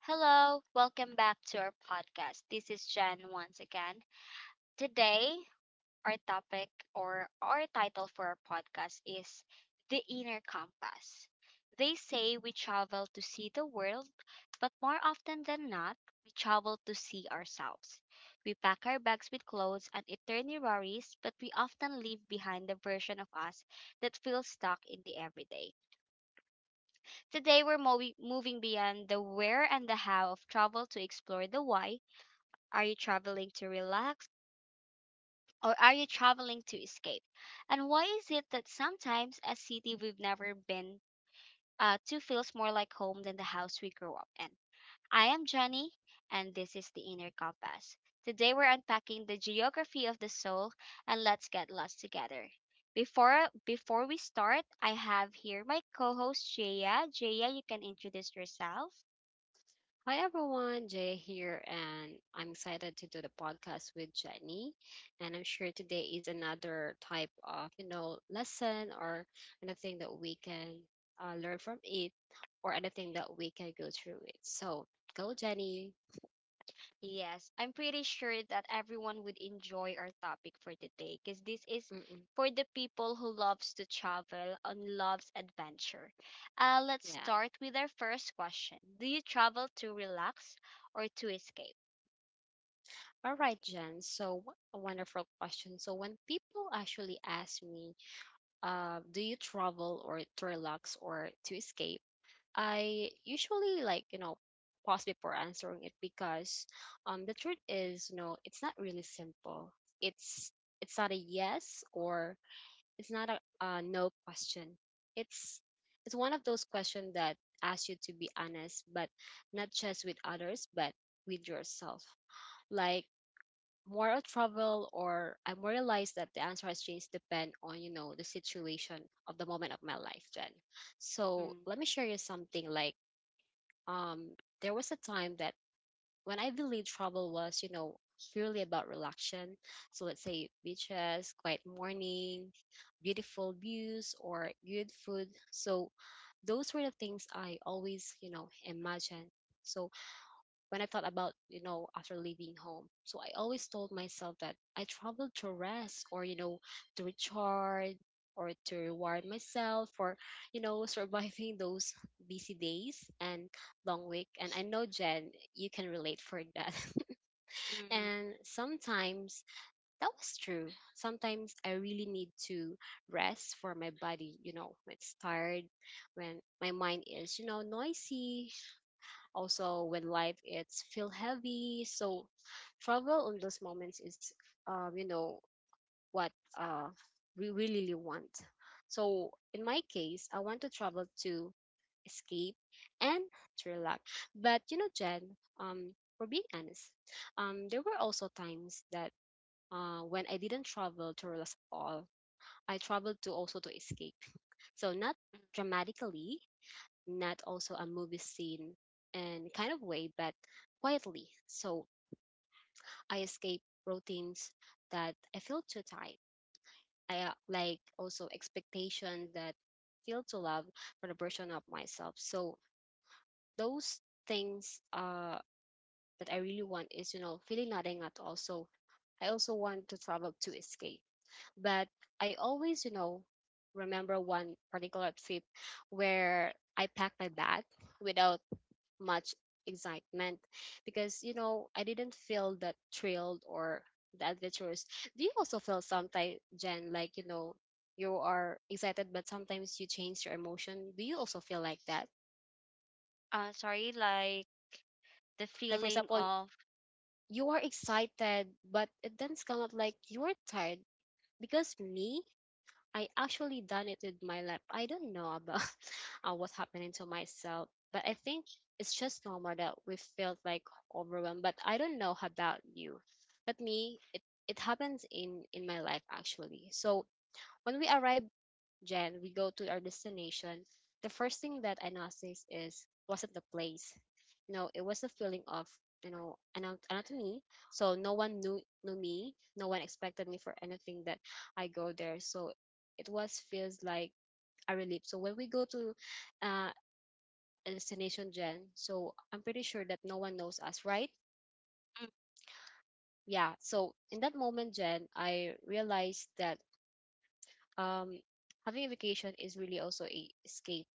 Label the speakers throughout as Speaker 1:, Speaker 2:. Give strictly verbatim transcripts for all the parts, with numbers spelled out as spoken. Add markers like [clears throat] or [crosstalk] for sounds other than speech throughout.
Speaker 1: Hello, welcome back to our podcast. This is Jen once again. Today, our topic or our title for our podcast is The Inner Compass. They say we travel to see the world, but more often than not, we travel to see ourselves. We pack our bags with clothes and eternal worries, but we often leave behind the version of us that feels stuck in the everyday. Today, we're movi- moving beyond the where and the how of travel to explore the why. Are you traveling to relax or are you traveling to escape? And why is it that sometimes a city we've never been uh, to feels more like home than the house we grew up in? I am Jenny, and this is the Inner Compass. Today, we're unpacking the geography of the soul, and let's get lost together. Before before we start, I have here my co-host Jaya. Jaya, you can introduce yourself.
Speaker 2: Hi everyone, Jay here, and I'm excited to do the podcast with Jenny. And I'm sure today is another type of, you know, lesson or anything that we can uh, learn from it or anything that we can go through it. So go, Jenny.
Speaker 1: Yes, I'm pretty sure that everyone would enjoy our topic for today because this is
Speaker 2: Mm-mm.
Speaker 1: for the people who loves to travel and loves adventure. Uh, let's
Speaker 2: Yeah.
Speaker 1: start with our first question. Do you travel to relax or to escape?
Speaker 2: All right, Jen. So what a wonderful question. So when people actually ask me, uh, do you travel or to relax or to escape? I usually like, you know, pause before answering it because um the truth is, you know, it's not really simple. It's it's not a yes or it's not a, a no question. It's it's one of those questions that asks you to be honest, but not just with others, but with yourself. Like moral trouble or I realized that the answer has changed depend on, you know, the situation of the moment of my life then. So
Speaker 1: Mm,
Speaker 2: let me share you something like um, there was a time that when I believed travel was, you know, purely about relaxation. So let's say beaches, quiet morning, beautiful views, or good food. So those were the things I always, you know, imagined. So when I thought about, you know, after leaving home. So I always told myself that I traveled to rest or, you know, to recharge or to reward myself for, you know, [laughs] surviving those busy days and long week. And I know, Jen, you can relate for that. [laughs]
Speaker 1: mm,
Speaker 2: And sometimes that was true. Sometimes I really need to rest for my body, you know, when it's tired, when my mind is, you know, noisy, also when life it's feel heavy so travel on those moments is um, you know what uh, we really want. So in my case I want to travel to escape and to relax. But you know, Jen, um, for being honest, um, there were also times that uh, when I didn't travel to relax at all. I traveled to also to escape. [laughs] So not
Speaker 1: mm.
Speaker 2: dramatically, not also a movie scene and kind of way, but quietly. So I escape routines that I feel too tight. I uh, like also expectations that feel too love for the version of myself. So those things uh that I really want is, you know, feeling nothing at all. So I also want to travel to escape. But I always, you know, remember one particular trip where I packed my bag without much excitement, because you know I didn't feel that thrilled or the adventurous. Do you also feel sometimes, Jen, like you know you are excited but sometimes you change your emotion? Do you also feel like that?
Speaker 1: Uh, sorry, like the
Speaker 2: Like for
Speaker 1: feeling
Speaker 2: example,
Speaker 1: of
Speaker 2: you are excited but it doesn't come up, like you are tired. Because me, I actually done it with my lap. I don't know about [laughs] uh, what's happening to myself, but I think it's just normal that we felt like overwhelmed. But I don't know about you, but me, it it happens in in my life actually. So when we arrive Jen, we go to our destination, the first thing that I noticed is wasn't the place. You know, it was the feeling of you know anot- anatomy. So no one knew knew me. No one expected me for anything that I go there. So it was feels like a relief. So when we go to uh, a destination, Jen, so I'm pretty sure that no one knows us, right?
Speaker 1: mm,
Speaker 2: Yeah. So in that moment, Jen, I realized that um having a vacation is really also a escape.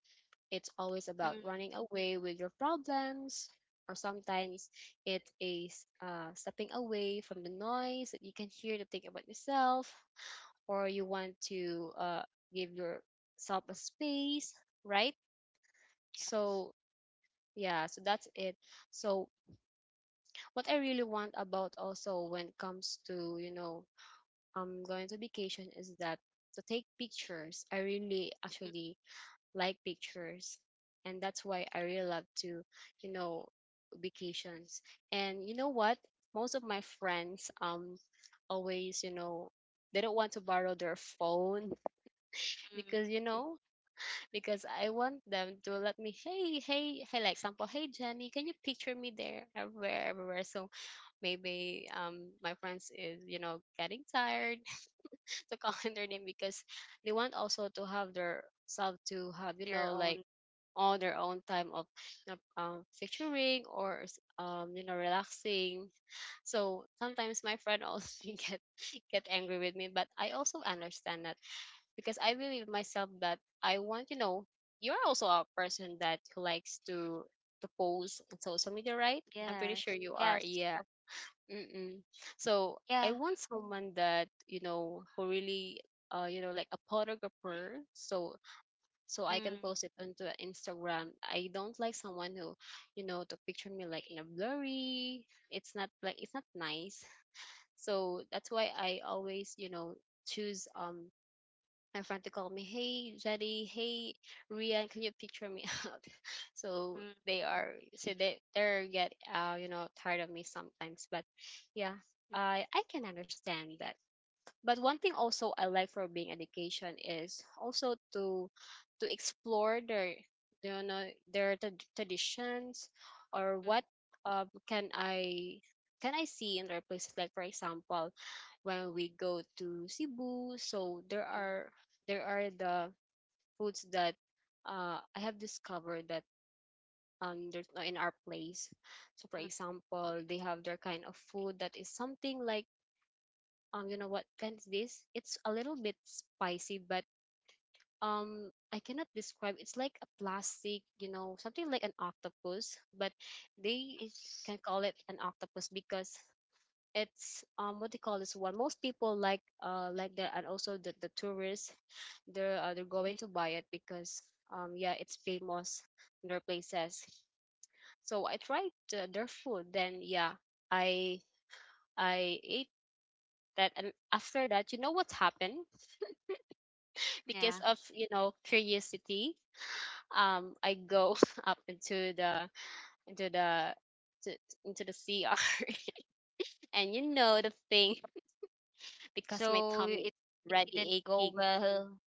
Speaker 2: It's always about
Speaker 1: mm,
Speaker 2: running away with your problems, or sometimes it is uh, stepping away from the noise that you can hear to think about yourself, or you want to uh, give yourself a space, right?
Speaker 1: yes,
Speaker 2: So, yeah, so that's it. So, what I really want about also when it comes to, you know, um, going to vacation is that to take pictures. I really
Speaker 1: mm,
Speaker 2: actually like pictures. And that's why I really love to, you know, vacations. And you know what? Most of my friends um always, you know, they don't want to borrow their phone [laughs]
Speaker 1: mm,
Speaker 2: because you know because I want them to let me, hey hey hey, like example, hey Jenny, can you picture me there, everywhere, everywhere? So maybe um my friends is you know getting tired [laughs] to call in their name because they want also to have their self to have you know
Speaker 1: their
Speaker 2: like
Speaker 1: own
Speaker 2: all their own time of you know, um, picturing or s- um, you know relaxing. So sometimes my friend also [laughs] get get angry with me, but I also understand that, because I believe myself that I want you know you're also a person that who likes to to post on social media, right? I'm pretty sure
Speaker 1: yes,
Speaker 2: you are,
Speaker 1: yes,
Speaker 2: yeah.
Speaker 1: of-
Speaker 2: Mm-mm. So I
Speaker 1: yeah,
Speaker 2: want someone that you know who really uh, you know like a photographer, so so I can
Speaker 1: mm,
Speaker 2: post it onto Instagram. I don't like someone who, you know, to picture me like in a blurry. It's not like it's not nice. So that's why I always, you know, choose um my friend to call me, hey Jetty, hey Rian, can you picture me [laughs] out? So
Speaker 1: mm,
Speaker 2: they are so they they're get uh, you know, tired of me sometimes. But yeah,
Speaker 1: mm,
Speaker 2: I I can understand that. But one thing also I like for being education is also to to explore their you know their trad- traditions or
Speaker 1: mm,
Speaker 2: what um can I can I see in their places, like for example when we go to Cebu. So there
Speaker 1: mm,
Speaker 2: are there are the foods that uh I have discovered that um there's no in our place. So for
Speaker 1: mm,
Speaker 2: example they have their kind of food that is something like um you know what, Plant this, it's a little bit spicy, but um I cannot describe it's like a plastic you know something like an octopus, but they
Speaker 1: is
Speaker 2: can call it an octopus because it's um what they call this one, most people like uh like that, and also the, the tourists, they're uh, they're going
Speaker 1: mm,
Speaker 2: to buy it because um yeah it's famous in their places. So I tried uh, their food then. Yeah, i i ate that and after that you know what happened, because
Speaker 1: yeah.
Speaker 2: of you know curiosity, um I go [laughs] up into the into the to, into the cr [laughs] and you know the thing because my
Speaker 1: So
Speaker 2: tummy
Speaker 1: it, it
Speaker 2: already
Speaker 1: didn't go
Speaker 2: aching.
Speaker 1: well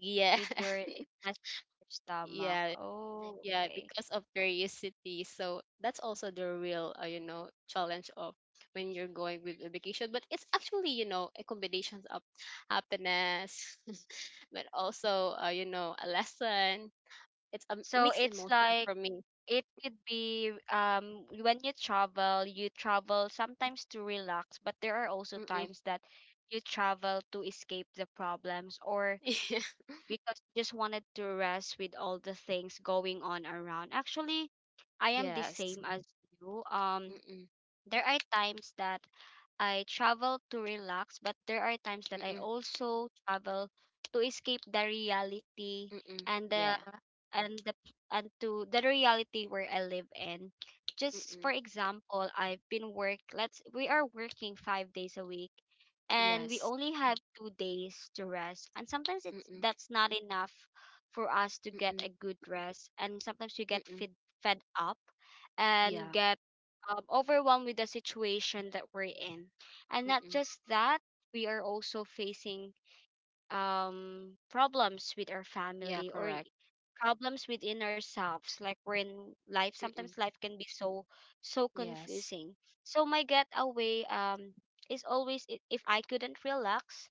Speaker 2: Yeah
Speaker 1: with your
Speaker 2: [laughs]
Speaker 1: it messed up your stomach.
Speaker 2: yeah
Speaker 1: Oh,
Speaker 2: yeah
Speaker 1: okay.
Speaker 2: because of curiosity. So that's also the real uh, you know challenge of when you're going with a vacation, but it's actually you know a combination of happiness [laughs] but also uh, you know a lesson. It's a
Speaker 1: So
Speaker 2: mixed
Speaker 1: it's
Speaker 2: emotion
Speaker 1: like
Speaker 2: for me.
Speaker 1: it could be um when you travel, you travel sometimes to relax, but there are also times that you travel to escape the problems or
Speaker 2: [laughs]
Speaker 1: because you just wanted to rest with all the things going on around. Actually, I am the
Speaker 2: Yes.
Speaker 1: same as you. Um,
Speaker 2: Mm-mm,
Speaker 1: there are times that I travel to relax, but there are times that I
Speaker 2: mm-mm,
Speaker 1: also travel to escape the reality
Speaker 2: mm-mm,
Speaker 1: and the
Speaker 2: yeah.
Speaker 1: and the and to the reality where I live in. Just for
Speaker 2: Mm-mm,
Speaker 1: example, I've been work let's we are working five days a week and we
Speaker 2: yes.
Speaker 1: only have two days to rest. And sometimes it's
Speaker 2: Mm-mm,
Speaker 1: that's not enough for us to get a
Speaker 2: mm-mm,
Speaker 1: good rest. And sometimes we get fed
Speaker 2: mm-mm,
Speaker 1: fed up and
Speaker 2: yeah.
Speaker 1: get um, overwhelmed with the situation that we're in. And not
Speaker 2: Mm-mm,
Speaker 1: just that, we are also facing um problems with our
Speaker 2: yeah,
Speaker 1: family or i-
Speaker 2: correct.
Speaker 1: problems within ourselves. Like we're in life Sometimes
Speaker 2: Mm-mm,
Speaker 1: life can be so so
Speaker 2: yes.
Speaker 1: confusing. So my getaway, um is always, i- if I couldn't relax,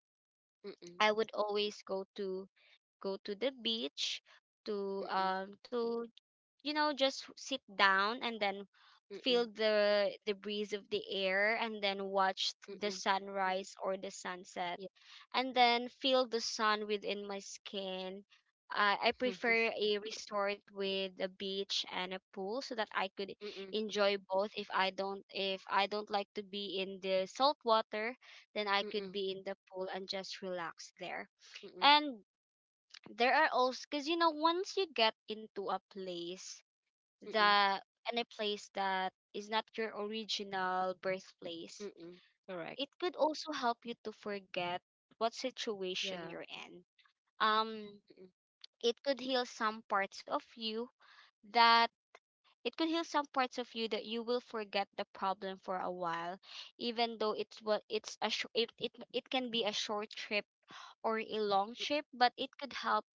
Speaker 2: Mm-mm,
Speaker 1: I would always go to go to the beach to,
Speaker 2: mm-mm,
Speaker 1: um to you know, just sit down and then feel
Speaker 2: mm-mm,
Speaker 1: the the breeze of the air and then watch the
Speaker 2: mm-mm,
Speaker 1: sunrise or the sunset,
Speaker 2: yeah. [laughs]
Speaker 1: and then feel the sun within my skin. Uh, I prefer a resort with a beach and a pool so that I could
Speaker 2: Mm-mm,
Speaker 1: enjoy both. If I don't, if I don't like to be in the salt water, then I could
Speaker 2: mm-mm,
Speaker 1: be in the pool and just relax there.
Speaker 2: mm-mm,
Speaker 1: And there are also, because you know, once you get into a place
Speaker 2: mm-mm,
Speaker 1: that and a place that is not your original birthplace,
Speaker 2: mm-mm, correct.
Speaker 1: it could also help you to forget what situation
Speaker 2: Yeah.
Speaker 1: you're in. Um
Speaker 2: Mm-mm,
Speaker 1: it could heal some parts of you that It could heal some parts of you that you will forget the problem for a while, even though it's what it's a sh- it, it it can be a short trip or a long
Speaker 2: mm,
Speaker 1: trip, but it could help,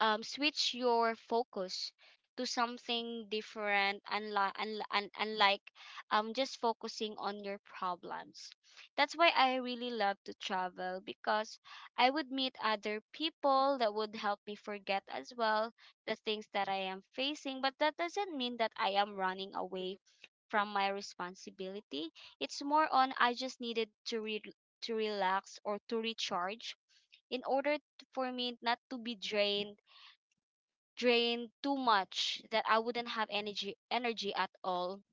Speaker 1: um, switch your focus to something different, unlike un- unlike um just focusing on your problems. That's why I really love to travel, because I would meet other people that would help me forget as well the things that I am facing. But that doesn't mean that I am running away from my responsibility. It's more on I just needed to re- to relax or to recharge in order, t- for me not to be drained drained too much that I wouldn't have energy energy at all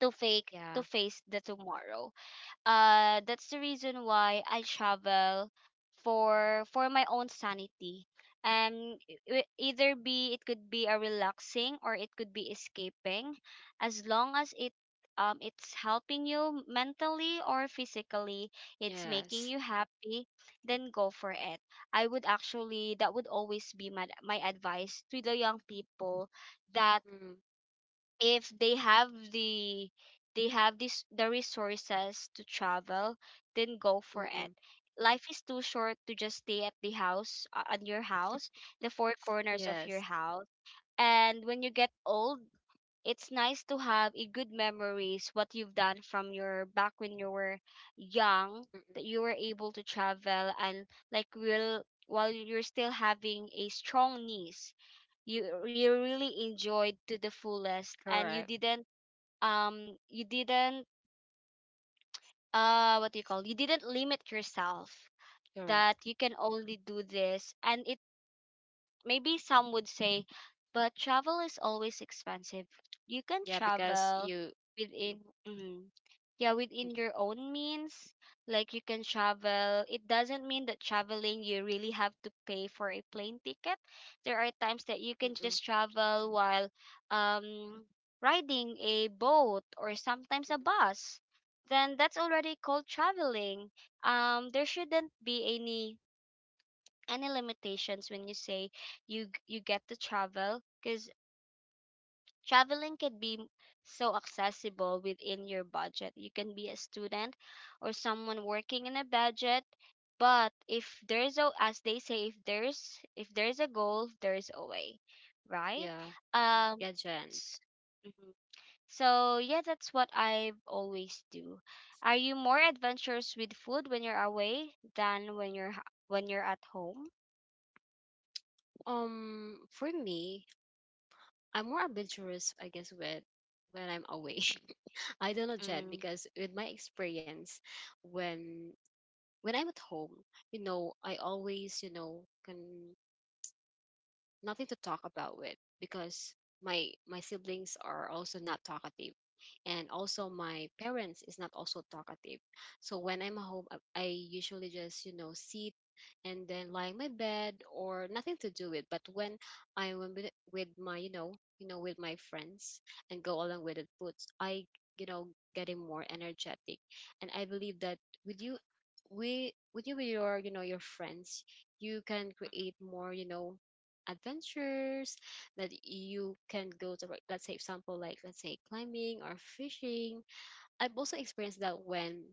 Speaker 1: to fake to
Speaker 2: yeah.
Speaker 1: face the tomorrow. Uh, that's the reason why I travel, for for my own sanity. Um, e- e- either be it could be a relaxing or it could be escaping, as long as it um it's helping you mentally or physically, it's making
Speaker 2: Yes.
Speaker 1: you happy, then go for it. I would actually, that would always be my my advice to the young people that,
Speaker 2: Mm,
Speaker 1: if they have the they have this the resources to travel, then go for
Speaker 2: mm-mm,
Speaker 1: it. Life is too short to just stay at the house, uh, on your house, the four corners of your
Speaker 2: yes.
Speaker 1: house. And when you get old, it's nice to have a good memories what you've done from your back when you were young,
Speaker 2: Mm-mm,
Speaker 1: that you were able to travel and, like will while you're still having a strong knees,
Speaker 2: mm
Speaker 1: you you really enjoyed to the fullest, and you
Speaker 2: correct.
Speaker 1: didn't, um you didn't uh what do you call you didn't limit yourself,
Speaker 2: Correct.
Speaker 1: that you can only do this. And maybe some would say, but travel is always expensive. You can
Speaker 2: Yeah, because
Speaker 1: travel
Speaker 2: you.
Speaker 1: within, mm, yeah, within
Speaker 2: Mm-mm,
Speaker 1: your own means. Like you can travel. It doesn't mean that traveling you really have to pay for a plane ticket. There are times that you can
Speaker 2: mm-mm,
Speaker 1: just travel while, um riding a boat or sometimes a
Speaker 2: mm-mm,
Speaker 1: bus. Then that's already called traveling. Um, there shouldn't be any any limitations when you say you g- you get to travel. Because traveling can be, m- so accessible within your budget. You can be a student or someone working in a budget, but if there's a, as they say, if there's, if there's a goal, there's a way, right?
Speaker 2: yeah.
Speaker 1: Um,
Speaker 2: Yeah, Jen.
Speaker 1: s- mhm. So yeah, that's what I always do. Are you more adventurous with food when you're away than when you're h- when you're at home?
Speaker 2: Um, for me, I'm more adventurous, I guess, with when I'm away. [laughs] I don't know, Jen,
Speaker 1: Mm.
Speaker 2: because with my experience, when when I'm at home, you know, I always, you know, can nothing to talk about with, because my my siblings are also not talkative, and also my parents is not also talkative. So when I'm home, i I usually just you know sit and then lie in my bed or nothing to do with. But when I'm with, with my you know you know with my friends and go along with the foods, I you know getting more energetic, and I believe that with you we with you with your you know your friends, you can create more you know adventures that you can go to, like, let's say example like let's say climbing or fishing. I've also experienced that when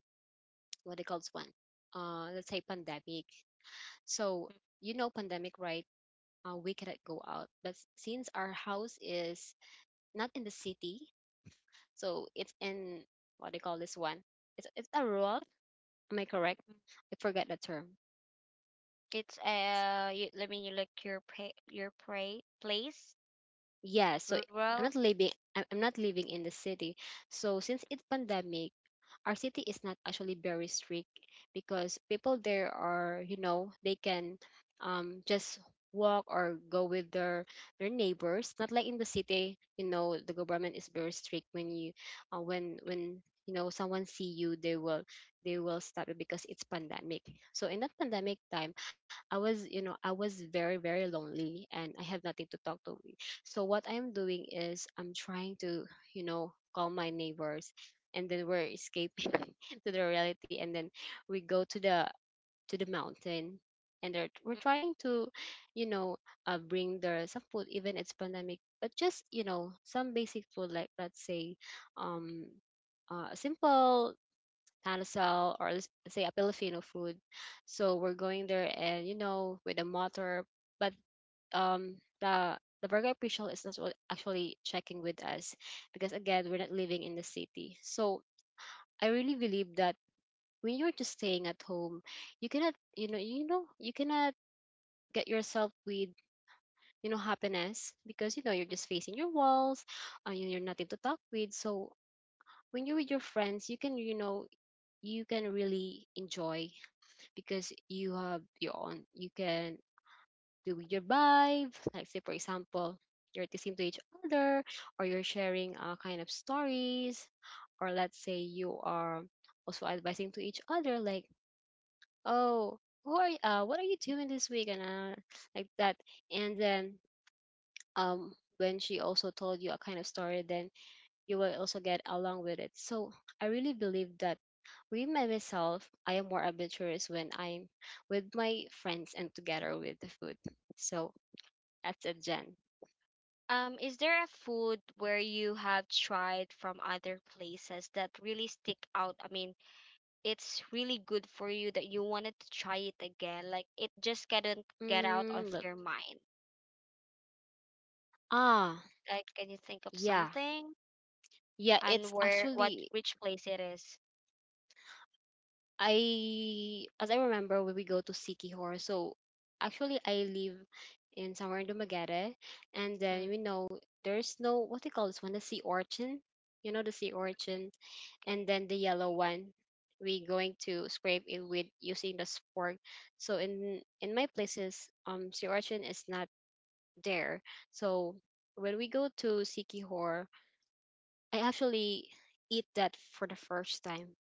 Speaker 2: what they call this one, uh let's say pandemic. So you know pandemic, right? uh, we cannot go out, but s- since our house is not in the city, so it's in what they call this one, it's, it's a rural, am I correct? I forgot the term.
Speaker 1: It's, uh, you, let me look your pa your pra place,
Speaker 2: Yeah so i'm
Speaker 1: rural.
Speaker 2: not living i'm I'm not living in the city. So since it's pandemic, our city is not actually very strict, because people there are you know they can um just walk or go with their their neighbors, not like in the city. You know the government is very strict when you uh, when when you know someone see you, they will they will stop you because it's pandemic. So in that pandemic time, I was you know I was very very lonely and I have nothing to talk to. So what I'm doing is I'm trying to, you know, call my neighbors, and then we're escaping [laughs] to the reality, and then we go to the to the mountain, and they're, we're trying to, you know, uh, bring their some food Even it's pandemic, but just, you know, some basic food like let's say um uh, a simple tanasal or let's say a Filipino food. So we're going there and you know with a motor but um the the Virgo official is not wa- actually checking with us because again we're not living in the city. So I really believe that when you're just staying at home, you cannot you know you know you cannot get yourself with you know happiness because you know you're just facing your walls and you- you're nothing to talk with. So when you're with your friends, you can you know you can really enjoy because you have your own you can do with your vibe. Like say for example, you're texting to each other or you're sharing uh, kind of stories or let's say you are also advising to each other like oh who are you, uh, what are you doing this week and uh, like that and then um when she also told you a kind of story then you will also get along with it. So I really believe that with my myself I am more adventurous when I'm with my friends and together with the food. So that's it, Jen.
Speaker 1: Um, is there a food where you have tried from other places that really stick out? I mean, it's really good for you that you wanted to try it again. Like it just couldn't get out of
Speaker 2: Mm, look.
Speaker 1: your mind.
Speaker 2: Ah,
Speaker 1: Like, can you think of
Speaker 2: yeah.
Speaker 1: something
Speaker 2: Yeah,
Speaker 1: and
Speaker 2: it's
Speaker 1: where what
Speaker 2: actually,
Speaker 1: which place it is?
Speaker 2: I as I remember, when we go to Sikihor, so actually I live in somewhere in Dumaguete and then
Speaker 1: Mm,
Speaker 2: you know there's no, what do you call this one, the sea urchin. You know the sea urchin
Speaker 1: okay,
Speaker 2: and then the yellow one, we going to scrape it with using the fork. So in in my places um sea urchin is not there. So when we go to Sikihor I actually eat that for the first time.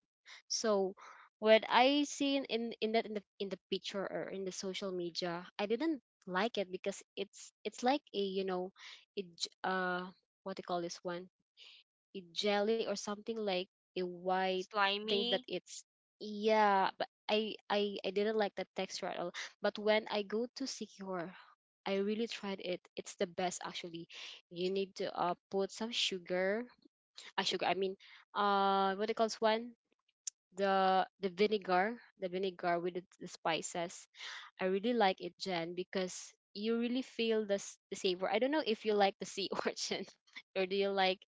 Speaker 2: So when I seen in in that in the in the picture or in the social media, I didn't like it because it's it's like a, you know, a j- uh what do you call this one? A jelly or something like a white thing that
Speaker 1: slimy.
Speaker 2: it's, yeah, but I I I didn't like the texture at all. But when I go to Secure, I really tried it. It's the best actually. You need to uh put some sugar, uh, sugar. I mean, uh, what it calls one, the the vinegar, the vinegar with the, the spices. I really like it, Jen, because you really feel the s- the savor. I don't know if you like the sea [laughs] orchid, or do you like,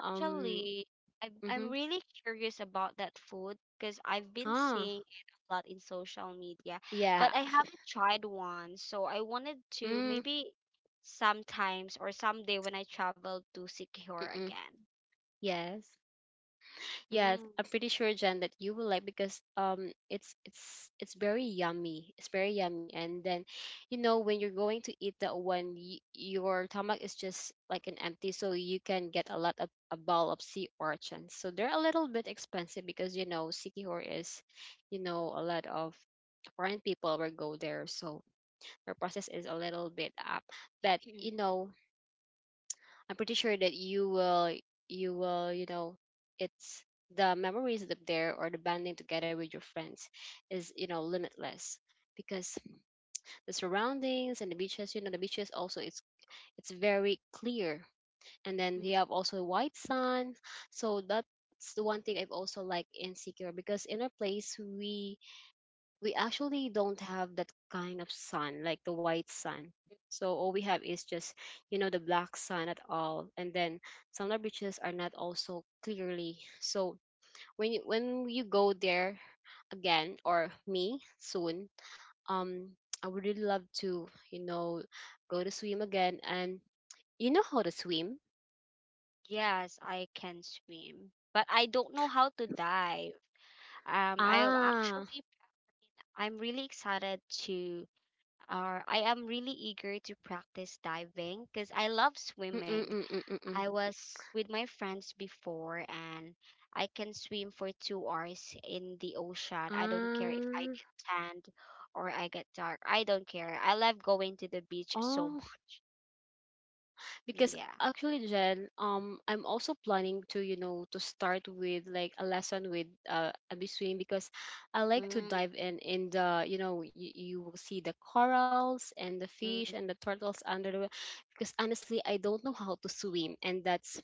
Speaker 2: um,
Speaker 1: I'm I'm
Speaker 2: mm-hmm.
Speaker 1: really curious about that food because I've been
Speaker 2: Ah,
Speaker 1: seeing it a lot in social media,
Speaker 2: yeah,
Speaker 1: but I haven't tried one. So I wanted to
Speaker 2: mm,
Speaker 1: maybe sometimes or someday when I travel to secure
Speaker 2: mm-mm,
Speaker 1: again.
Speaker 2: yes. Yes,
Speaker 1: Mm.
Speaker 2: I'm pretty sure, Jen, that you will like because um it's it's it's very yummy. It's very yummy. And then, you know, when you're going to eat that one, y your stomach is just like an empty, so you can get a lot of a ball of sea urchins. So they're a little bit expensive because, you know, Sikihor is, you know, a lot of foreign people will go there, so their process is a little bit up. But, you know, I'm pretty sure that you will, you will, you know, it's the memories that there or the bonding together with your friends is, you know, limitless because the surroundings and the beaches, you know, the beaches also it's it's very clear, and then they have
Speaker 1: [clears throat]
Speaker 2: also white sun, so that's the one thing I've also like insecure because in our place we we actually don't have that kind of sun, like the white sun. So all we have is just, you know, the black sun at all. And then some of the beaches are not also clearly. So when you when you go there again or me soon, um, I would really love to, you know, go to swim again. And you know how to swim?
Speaker 1: Yes, I can swim, but I don't know how to dive. Um, I
Speaker 2: Ah.
Speaker 1: actually, I'm really excited to, or I am really eager to practice diving because I love swimming.
Speaker 2: Mm-mm-mm-mm-mm.
Speaker 1: I was with my friends before, and I can swim for two hours in the ocean. I don't care if I
Speaker 2: Ah,
Speaker 1: get tanned or I get dark. I don't care. I love going to the beach so
Speaker 2: oh.
Speaker 1: much.
Speaker 2: Because
Speaker 1: Yeah.
Speaker 2: actually Jen, um I'm also planning to, you know, to start with like a lesson with uh a swim because I like to dive in in the, you know, you, you will see the corals and the fish and the turtles under the wa- because honestly I don't know how to swim and that's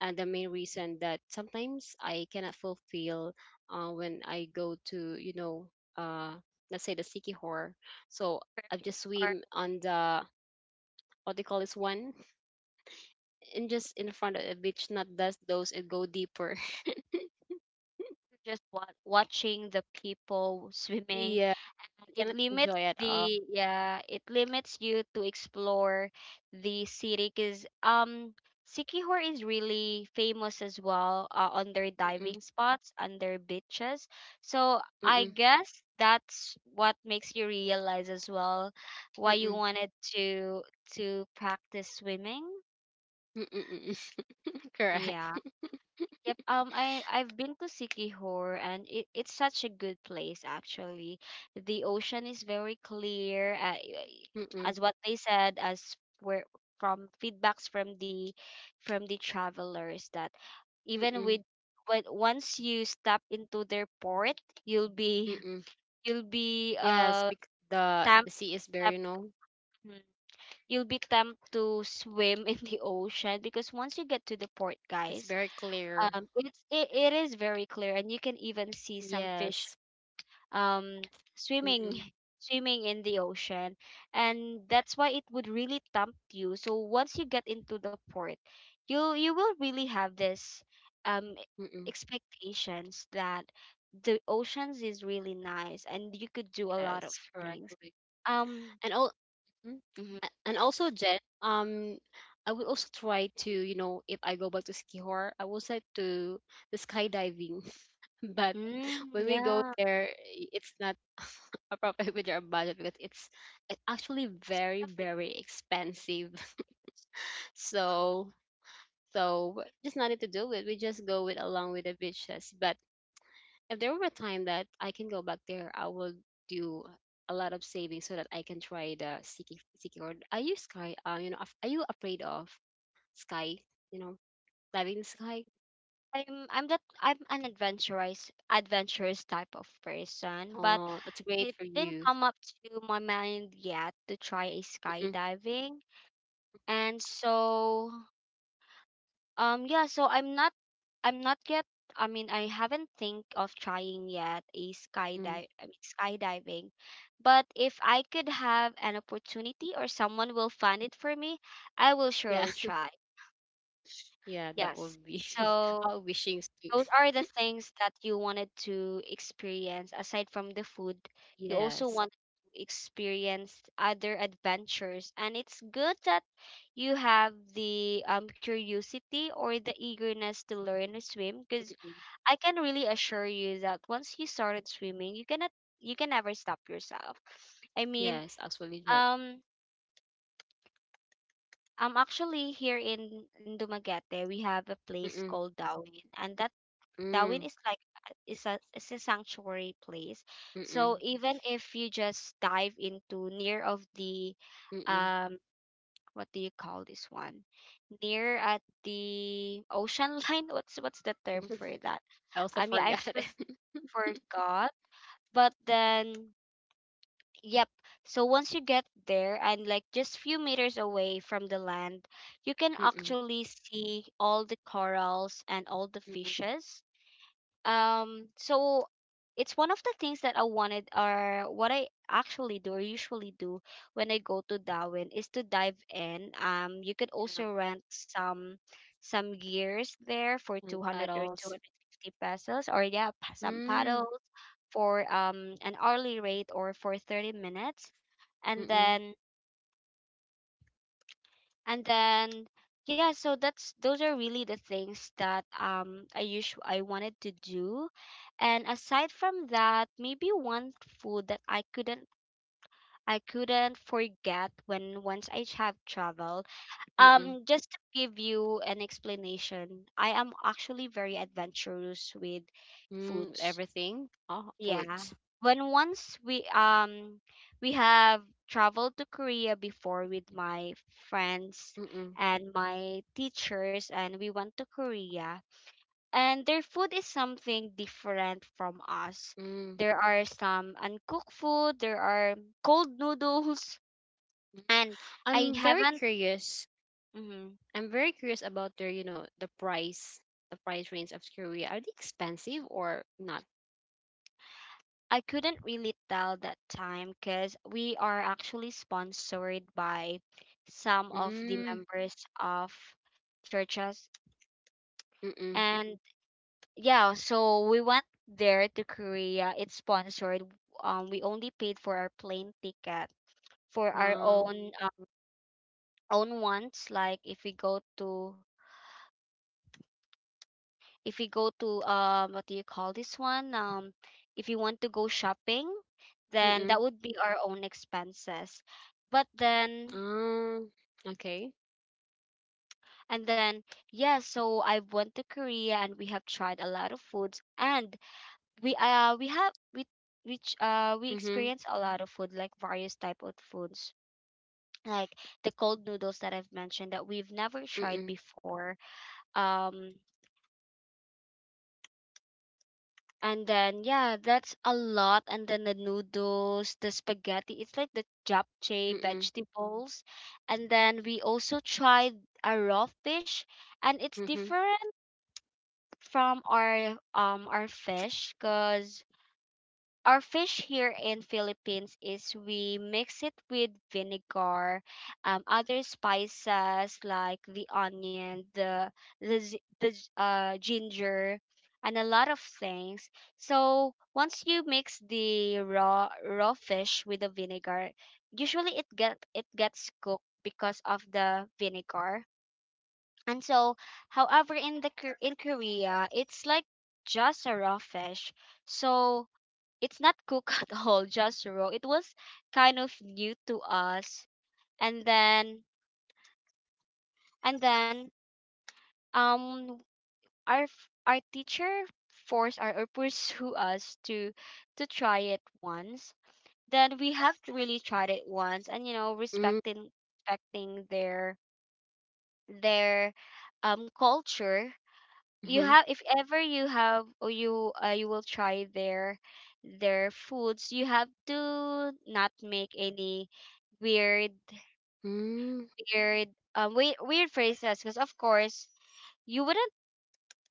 Speaker 2: uh, the main reason that sometimes I cannot fulfill uh when I go to, you know, uh let's say the Sikihor. So I just
Speaker 1: Mm-mm.
Speaker 2: swim on the what they call this one and just in front of the beach, not just those that go deeper. [laughs]
Speaker 1: Just wa- watching the people swimming,
Speaker 2: Yeah,
Speaker 1: and
Speaker 2: I
Speaker 1: it
Speaker 2: cannot
Speaker 1: limits
Speaker 2: enjoy at all.
Speaker 1: the, yeah, it limits you to explore the city because, um Sikihor is really famous as well, uh, on their
Speaker 2: Mm-mm,
Speaker 1: diving spots, on their beaches. So I
Speaker 2: mm-mm,
Speaker 1: guess that's what makes you realize as well why you
Speaker 2: mm-mm,
Speaker 1: wanted to to practice swimming.
Speaker 2: mm-mm, mm-mm. [laughs]
Speaker 1: Yeah.
Speaker 2: Correct.
Speaker 1: Yep. Um, I I've been to Sikihor, and it, it's such a good place actually. The ocean is very clear. Uh, y-
Speaker 2: Mm-mm,
Speaker 1: as what they said, as where from feedbacks from the from the travelers that, even
Speaker 2: mm-mm,
Speaker 1: with, when once you step into their port, you'll be
Speaker 2: mm-mm.
Speaker 1: [laughs] you'll be
Speaker 2: Yes,
Speaker 1: uh
Speaker 2: because the
Speaker 1: temp,
Speaker 2: the sea is very,
Speaker 1: temp
Speaker 2: you know,
Speaker 1: Mhm. you'll be tempted to swim [laughs] in the ocean because once you get to the port,
Speaker 2: it's
Speaker 1: guys,
Speaker 2: very clear.
Speaker 1: um it's, it, it is very clear, and you can even see some fish,
Speaker 2: Yes.
Speaker 1: um swimming
Speaker 2: Mm-mm,
Speaker 1: [laughs] swimming in the ocean, and that's why it would really tempt you. So once you get into the port, you you will really have this, um
Speaker 2: mm-mm.
Speaker 1: expectations that the oceans is really nice and you could do a lot of
Speaker 2: Yes,
Speaker 1: things.
Speaker 2: correctly.
Speaker 1: um
Speaker 2: And all
Speaker 1: mhm.
Speaker 2: and also Jen, um, I would also try to, you know, if I go back to Skihor, I will try to the skydiving. [laughs] But
Speaker 1: Mm,
Speaker 2: when we go
Speaker 1: yeah,
Speaker 2: there, i- it's not [laughs] appropriate with our budget because it's it's actually
Speaker 1: it's kind
Speaker 2: very,
Speaker 1: of,
Speaker 2: very expensive. [laughs] So, so just nothing to do with. We just go with along with the beaches. But if there were a time that I can go back there, I will do a lot of saving so that I can try the sticky sticky or are you sky, uh, you know, af- are you afraid of sky, you know, diving in the sky?
Speaker 1: I'm I'm that, I'm an adventurous adventurous type of person, but
Speaker 2: Oh, that's great
Speaker 1: it
Speaker 2: for
Speaker 1: didn't
Speaker 2: you.
Speaker 1: come up to my mind yet to try a
Speaker 2: Mm-mm,
Speaker 1: skydiving. And so, um yeah, so I'm not, I'm not yet, I mean, I haven't think of trying yet a skydive,
Speaker 2: mm,
Speaker 1: I mean skydiving. But if I could have an opportunity or someone will fund it for me, I will
Speaker 2: yeah.
Speaker 1: surely try.
Speaker 2: Yeah, that
Speaker 1: Yes.
Speaker 2: would be [laughs]
Speaker 1: So,
Speaker 2: our wishing to.
Speaker 1: those are the things that you wanted to experience aside from the food. You also
Speaker 2: Yes.
Speaker 1: wanted to experience other adventures, and it's good that you have the, um curiosity or the eagerness to learn to swim, because
Speaker 2: Mm-mm.
Speaker 1: I can really assure you that once you started swimming, you cannot, you can never stop yourself. I mean,
Speaker 2: Yes, absolutely. That.
Speaker 1: um, I'm actually here in, in Dumaguete. We have a place
Speaker 2: Mm-mm.
Speaker 1: called Darwin, and that. Darwin
Speaker 2: Mm.
Speaker 1: is like, uh, is a, is a sanctuary place. So
Speaker 2: Mm-mm.
Speaker 1: even if you just dive into near of the
Speaker 2: Mm-mm.
Speaker 1: um what do you call this one? Near at the ocean [laughs] line. What's what's the term
Speaker 2: [laughs]
Speaker 1: for that?
Speaker 2: I also
Speaker 1: Um yeah, I
Speaker 2: forgot it.
Speaker 1: for,
Speaker 2: [laughs]
Speaker 1: forgot. But then yep. So once you get there and like just few meters away from the land, you can
Speaker 2: Mm-mm.
Speaker 1: actually see all the corals and all the
Speaker 2: Mm-mm.
Speaker 1: fishes, um, so it's one of the things that I wanted or what I actually do or usually do when I go to Darwin is to dive in. Um, you could
Speaker 2: Yeah.
Speaker 1: also rent some some gears there for
Speaker 2: And
Speaker 1: two hundred or
Speaker 2: Paddles.
Speaker 1: two hundred fifty pesos, or yeah, p- some
Speaker 2: Mm.
Speaker 1: paddles for um an hourly rate or for thirty minutes. And
Speaker 2: Mm-mm.
Speaker 1: then and then yeah, so that's those are really the things that um I usually I wanted to do. And aside from that, maybe one food that I couldn't i couldn't forget when once I have traveled.
Speaker 2: Mm-mm.
Speaker 1: Um just to give you an explanation, I am actually very adventurous with
Speaker 2: Mm.
Speaker 1: foods,
Speaker 2: Everything. Oh, food.
Speaker 1: yeah. When once we um we have traveled to Korea before with my friends
Speaker 2: Mm-mm.
Speaker 1: and my teachers, and we went to Korea, and their food is something different from us.
Speaker 2: Mm. Mm.
Speaker 1: There are some uncooked food, there are cold [laughs] noodles, and I
Speaker 2: I'm very
Speaker 1: haven't
Speaker 2: curious.
Speaker 1: mhm.
Speaker 2: I'm very curious about their, you know, the price, the price range of Korea. Are they expensive or not?
Speaker 1: I couldn't really tell that time because we are actually sponsored by some of the
Speaker 2: Mm.
Speaker 1: members of churches.
Speaker 2: Mm-mm.
Speaker 1: And yeah, so we went there to Korea. It's sponsored. Um, we only paid for our plane ticket for our
Speaker 2: Uh,
Speaker 1: own um, own ones. Like if we go to if we go to um what do you call this one? Um, if you want to go shopping, then that
Speaker 2: mm-mm.
Speaker 1: would be our own expenses. But then
Speaker 2: Um. Okay.
Speaker 1: and then, yeah, so I went to Korea and we have tried a lot of foods, and we uh we have we which uh we
Speaker 2: Mhm.
Speaker 1: experienced a lot of food, like various type of foods, like the cold noodles that I've mentioned that we've never tried
Speaker 2: Mm.
Speaker 1: before. Um and then yeah, that's a lot. And then the noodles, the spaghetti, it's like the japchae
Speaker 2: Mm.
Speaker 1: vegetables. And then we also tried a raw fish, and it's
Speaker 2: Mhm.
Speaker 1: different from our um our fish, because our fish here in Philippines is we mix it with vinegar, um, other spices like the onion, the the z- the z- uh, ginger, and a lot of things. So once you mix the raw raw fish with the vinegar, usually it get it gets cooked because of the vinegar. And so, however, in the Kor- in Korea, it's like just a raw fish. So it's not cooked [laughs] at all, just raw. It was kind of new to us. And then and then um our f- our teacher forced, or, or pursue [laughs] us to to try it once. Then we have to really tried it once. And you know,
Speaker 2: Mm.
Speaker 1: respecting respecting their their um culture, you
Speaker 2: Mhm.
Speaker 1: have if ever you have or you uh, you will try their their foods, you have to not make any weird
Speaker 2: Mm.
Speaker 1: weird um weird, weird phrases, because of course you wouldn't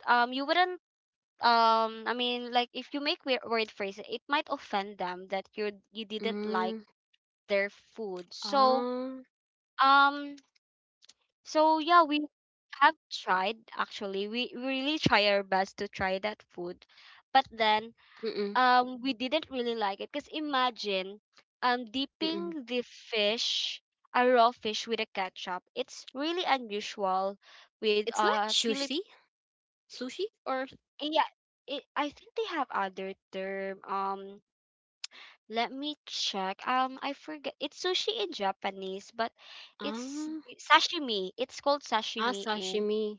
Speaker 1: um you wouldn't um I mean, like, if you make weird, weird phrases, it might offend them that you you didn't like
Speaker 2: Mm.
Speaker 1: their food. So
Speaker 2: Ah.
Speaker 1: um so yeah, we have tried. Actually, we we really try our best to try that food, but then
Speaker 2: Mm.
Speaker 1: um we didn't really like it, because imagine um
Speaker 2: Mm.
Speaker 1: dipping the fish, a raw fish, with a ketchup, it's really unusual with
Speaker 2: It's like
Speaker 1: uh philip
Speaker 2: sushi, sushi, or
Speaker 1: yeah. It, I think they have other term. Um let me check. um I forget. It's sushi in Japanese, but it's
Speaker 2: ah,
Speaker 1: sashimi. It's called
Speaker 2: ah,
Speaker 1: sashimi in
Speaker 2: sashimi.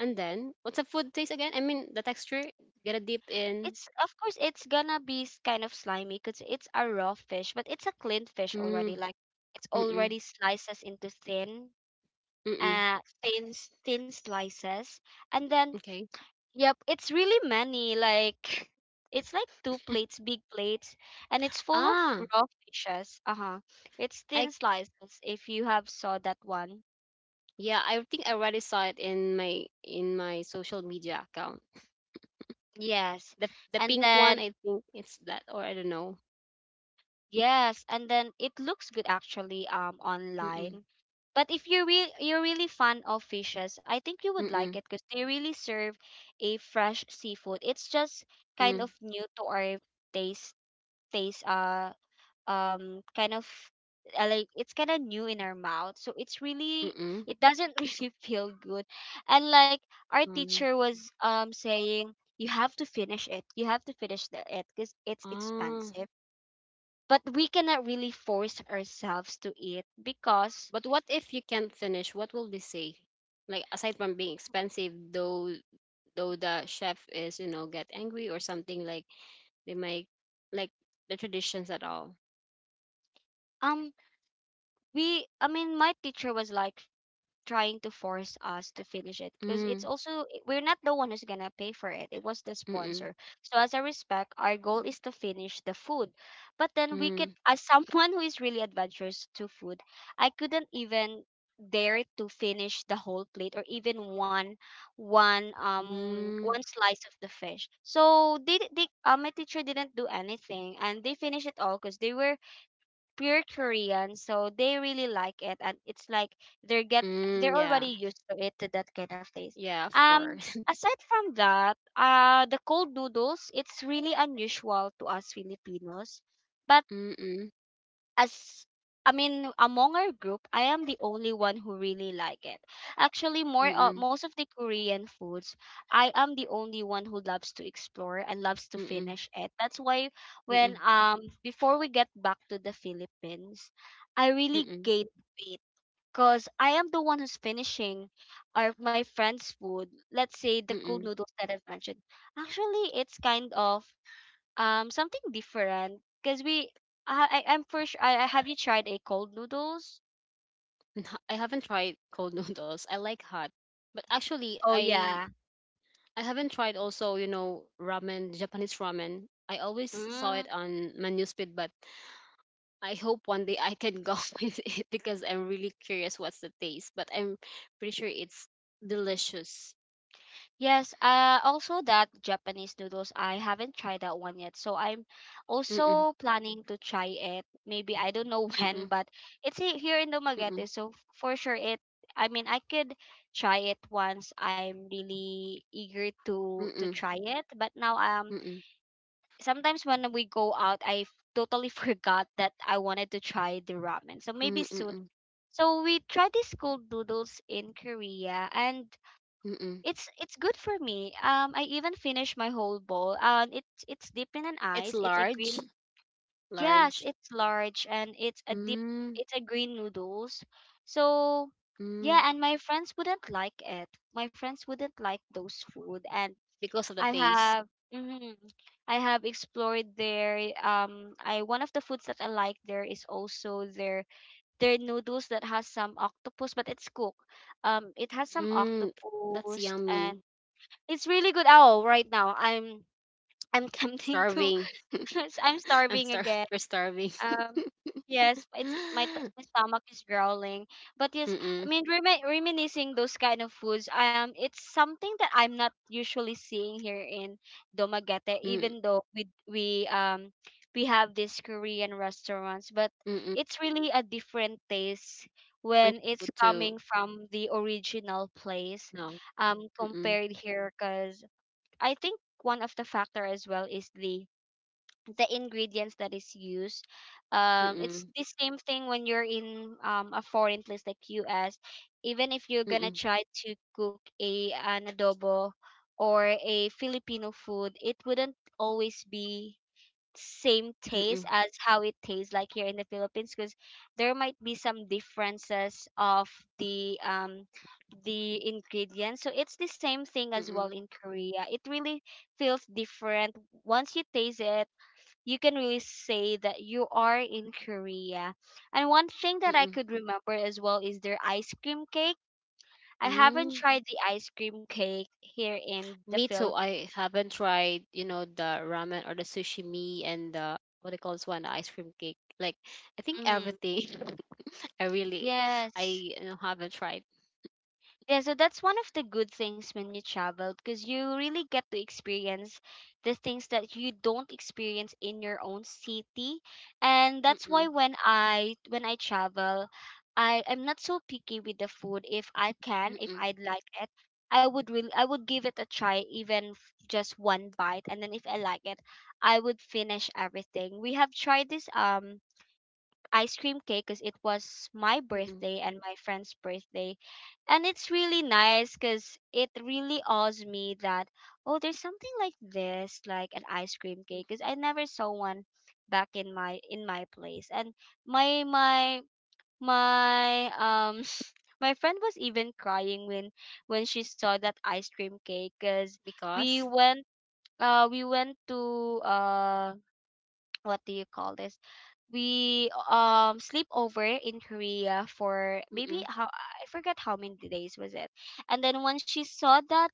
Speaker 2: And then, what's the food taste again? I mean, the texture. Gotta dip in.
Speaker 1: it's of course it's gonna be s- kind of slimy because it's a raw fish, but it's a clean fish
Speaker 2: Mm.
Speaker 1: already. Like it's
Speaker 2: Mm.
Speaker 1: already slices into thin,
Speaker 2: Mm.
Speaker 1: uh, thin s- thin slices, and then
Speaker 2: Okay.
Speaker 1: yep, it's really many. Like [laughs] it's like two plates, big plates, and it's full of
Speaker 2: Ah.
Speaker 1: raw fishes. Uh huh. It's
Speaker 2: I
Speaker 1: thin slices. If you have saw that one,
Speaker 2: yeah. I think I already saw it in my in my social media account.
Speaker 1: yes,
Speaker 2: The the
Speaker 1: and
Speaker 2: pink one.
Speaker 1: then
Speaker 2: I think it's that, or I don't know.
Speaker 1: yes, and then it looks good actually um online. But if you re you're really fan of fishes, I think you would like it
Speaker 2: Mm-mm.
Speaker 1: because they really serve a fresh seafood. It's just kind
Speaker 2: Mm.
Speaker 1: of new to our taste taste uh um kind of uh, like it's kind of new in our mouth. So it's really
Speaker 2: Mm-mm.
Speaker 1: it doesn't [laughs] really feel good. And like our
Speaker 2: Mm.
Speaker 1: teacher was um saying you have to finish it. You have to finish the, it because it's
Speaker 2: Ah.
Speaker 1: expensive, but we cannot really force ourselves to eat because
Speaker 2: But what if you can't finish? What will they say? Like aside from being expensive, though though the chef is, you know, get angry or something like they might like the traditions at all.
Speaker 1: um we I mean, my teacher was like trying to force us to finish it because it's
Speaker 2: Mm.
Speaker 1: also we're not the one who's gonna pay for it, it was the
Speaker 2: Mm-mm.
Speaker 1: sponsor. So as a respect, our goal is to finish the food. But then we could
Speaker 2: Mm.
Speaker 1: as [laughs] someone who is really adventurous to food, I couldn't even dare to finish the whole plate or even one one um
Speaker 2: Mm.
Speaker 1: one slice of the fish. So they, they uh, my teacher didn't do anything, and they finished it all because they were pure Korean, so they really like it. And it's like they're get
Speaker 2: Mm.
Speaker 1: they're
Speaker 2: Yeah.
Speaker 1: already used to it, to that kind of taste.
Speaker 2: Yeah, of
Speaker 1: Um,
Speaker 2: course.
Speaker 1: Aside from that, uh, the cold noodles it's really unusual to us Filipinos, but
Speaker 2: [laughs] Mm-mm.
Speaker 1: as I mean, among our group, I am the only one who really like it. Actually, more uh,
Speaker 2: Mm-mm.
Speaker 1: most of the Korean foods, I am the only one who loves to explore and loves to
Speaker 2: Mm-mm.
Speaker 1: finish it. That's why when
Speaker 2: Mm-mm.
Speaker 1: um before we get back to the Philippines, I really
Speaker 2: Mm-mm.
Speaker 1: gained weight because I am the one who's finishing our my friend's food. Let's say the cool
Speaker 2: Mm-mm.
Speaker 1: noodles that I've mentioned. Actually, it's kind of um something different because we I I- I'm for sure. I, I have you tried a cold noodles?
Speaker 2: [laughs] I haven't tried cold [laughs] noodles. I like hot. But actually
Speaker 1: Oh
Speaker 2: I
Speaker 1: yeah.
Speaker 2: I haven't tried also, you know, ramen, Japanese ramen. I always saw it
Speaker 1: Mm,
Speaker 2: on my newsfeed, but I hope one day I can go [laughs] with it because I'm really curious what's the taste. But I'm pretty sure it's delicious.
Speaker 1: yes. Uh, also that Japanese noodles. I haven't tried that one yet, so I'm
Speaker 2: Mm-mm,
Speaker 1: also planning to try it. Maybe I don't know [laughs] when,
Speaker 2: mm-mm,
Speaker 1: but it's he- here in
Speaker 2: mm-mm,
Speaker 1: Dumaguete, so for sure it. I mean, I could try it once. I'm really eager to to
Speaker 2: mm-mm,
Speaker 1: try it, but now um
Speaker 2: mm-mm,
Speaker 1: sometimes when we go out, I f- totally [laughs] forgot that I wanted to try the ramen. So maybe
Speaker 2: mm-mm,
Speaker 1: soon.
Speaker 2: mm-mm,
Speaker 1: So we tried these cold noodles in Korea, and
Speaker 2: mm-mm.
Speaker 1: it's it's good for me. Um, I even finished my whole bowl. And it's it's deep in an
Speaker 2: It's
Speaker 1: ice. It's a
Speaker 2: large,
Speaker 1: green. Yes,
Speaker 2: large.
Speaker 1: it's large and it's a deep.
Speaker 2: Mm,
Speaker 1: It's a green noodles. So
Speaker 2: mm,
Speaker 1: yeah, and my friends wouldn't like it. My friends wouldn't like those food, and
Speaker 2: because of the
Speaker 1: I
Speaker 2: taste.
Speaker 1: have mhm, I have explored there. Um, I one of the foods that I like there is also their their noodles that has some octopus, but it's cooked. Um, it has some
Speaker 2: Mm, that's
Speaker 1: octopus, and
Speaker 2: yummy.
Speaker 1: it's really good. Oh, right now I'm I'm [laughs] tempting to.
Speaker 2: Starving.
Speaker 1: [laughs] I'm
Speaker 2: [laughs] I'm
Speaker 1: starving
Speaker 2: star-
Speaker 1: again.
Speaker 2: we're starving. [gasps]
Speaker 1: Um,
Speaker 2: [laughs]
Speaker 1: yes, it's my t-
Speaker 2: Mm-mm,
Speaker 1: my stomach is growling. But yes, I
Speaker 2: mm,
Speaker 1: mean remi- reminiscing those kind of foods, um, it's something that I'm not usually seeing here in Dumaguete,
Speaker 2: mm-mm.
Speaker 1: even though we we um we have these Korean restaurants, but it's really a different taste
Speaker 2: When
Speaker 1: when
Speaker 2: you
Speaker 1: it's
Speaker 2: go to,
Speaker 1: coming from the original place
Speaker 2: no.
Speaker 1: um
Speaker 2: Mm-mm.
Speaker 1: compared here, because I think one of the factor as well is the the ingredients that is used. Um, it's
Speaker 2: Mm-mm.
Speaker 1: the same thing when you're in um, a foreign place like U S. Even if you're gonna
Speaker 2: Mm-mm.
Speaker 1: try to cook a an adobo or a Filipino food, it wouldn't always be same taste
Speaker 2: Mm-mm.
Speaker 1: as how it tastes like here in the Philippines, because there might be some differences of the um the ingredients. So it's the same thing as well
Speaker 2: Mm-mm.
Speaker 1: in Korea. It really feels different. Once you taste it, you can really say that you are in Korea. And one thing that I
Speaker 2: Mm-mm.
Speaker 1: could remember as well is their ice cream cake. I haven't
Speaker 2: Mm.
Speaker 1: tried the ice cream cake here in the
Speaker 2: Me
Speaker 1: Philippines.
Speaker 2: too. I haven't tried, you know, the ramen or the sushi me and the what do you call this one, the ice cream cake. Like I think
Speaker 1: Mm,
Speaker 2: everything. [laughs] I really, I
Speaker 1: yes.
Speaker 2: you know, haven't tried.
Speaker 1: Yeah, so that's one of the good things when you travel, because you really get to experience the things that you don't experience in your own city. And that's why
Speaker 2: Mm-mm.
Speaker 1: when I when I travel, I am not so picky with the food. If I can, if
Speaker 2: Mm-mm.
Speaker 1: I'd like it, I would really I would give it a try, even f- just one bite. And then if I like it, I would finish everything. We have tried this um ice cream cake because it was my
Speaker 2: Mm-mm.
Speaker 1: birthday and my friend's birthday. And it's really nice because it really awes me that, oh, there's something like this, like an ice cream cake, because I never saw one back in my in my place. And my my my um [laughs] my friend was even crying when when she saw that ice cream cake, because we
Speaker 2: Because.
Speaker 1: went uh we went to uh what do you call this? We um sleep over in Korea for maybe
Speaker 2: Mm-mm.
Speaker 1: how I forget how many days was it. And then when she saw that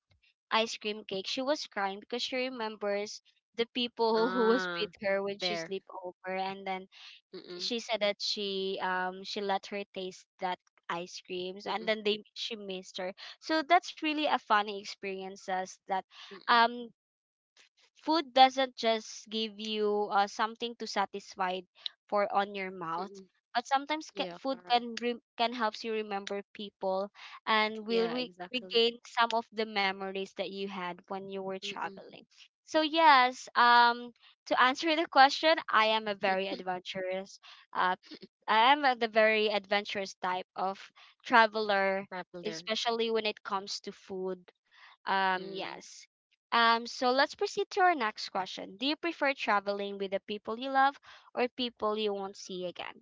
Speaker 1: ice cream cake, she was crying because she remembers the people [laughs] who was
Speaker 2: Ah,
Speaker 1: with her when she
Speaker 2: there.
Speaker 1: sleep over and then
Speaker 2: Mm-mm.
Speaker 1: she said that she um she let her taste that ice creams and
Speaker 2: Mm-mm.
Speaker 1: then they she missed her, so that's really a funny experiences that
Speaker 2: Mm-mm.
Speaker 1: um food doesn't just give you uh, something to satisfy for on your mouth,
Speaker 2: Mm-mm.
Speaker 1: but sometimes ca-
Speaker 2: Yeah.
Speaker 1: food
Speaker 2: Correct.
Speaker 1: can re- can helps you remember people and will
Speaker 2: Yeah.
Speaker 1: re-
Speaker 2: Exactly.
Speaker 1: regain some of the memories that you had when you were
Speaker 2: Mm-mm.
Speaker 1: traveling. So yes, um, to answer the question, I am a very
Speaker 2: [laughs]
Speaker 1: adventurous uh, I am uh, the very adventurous type of traveler,
Speaker 2: Popular.
Speaker 1: especially when it comes to food. Um, yes. Um, so let's proceed to our next question. Do you prefer traveling with the people you love or people you won't see again?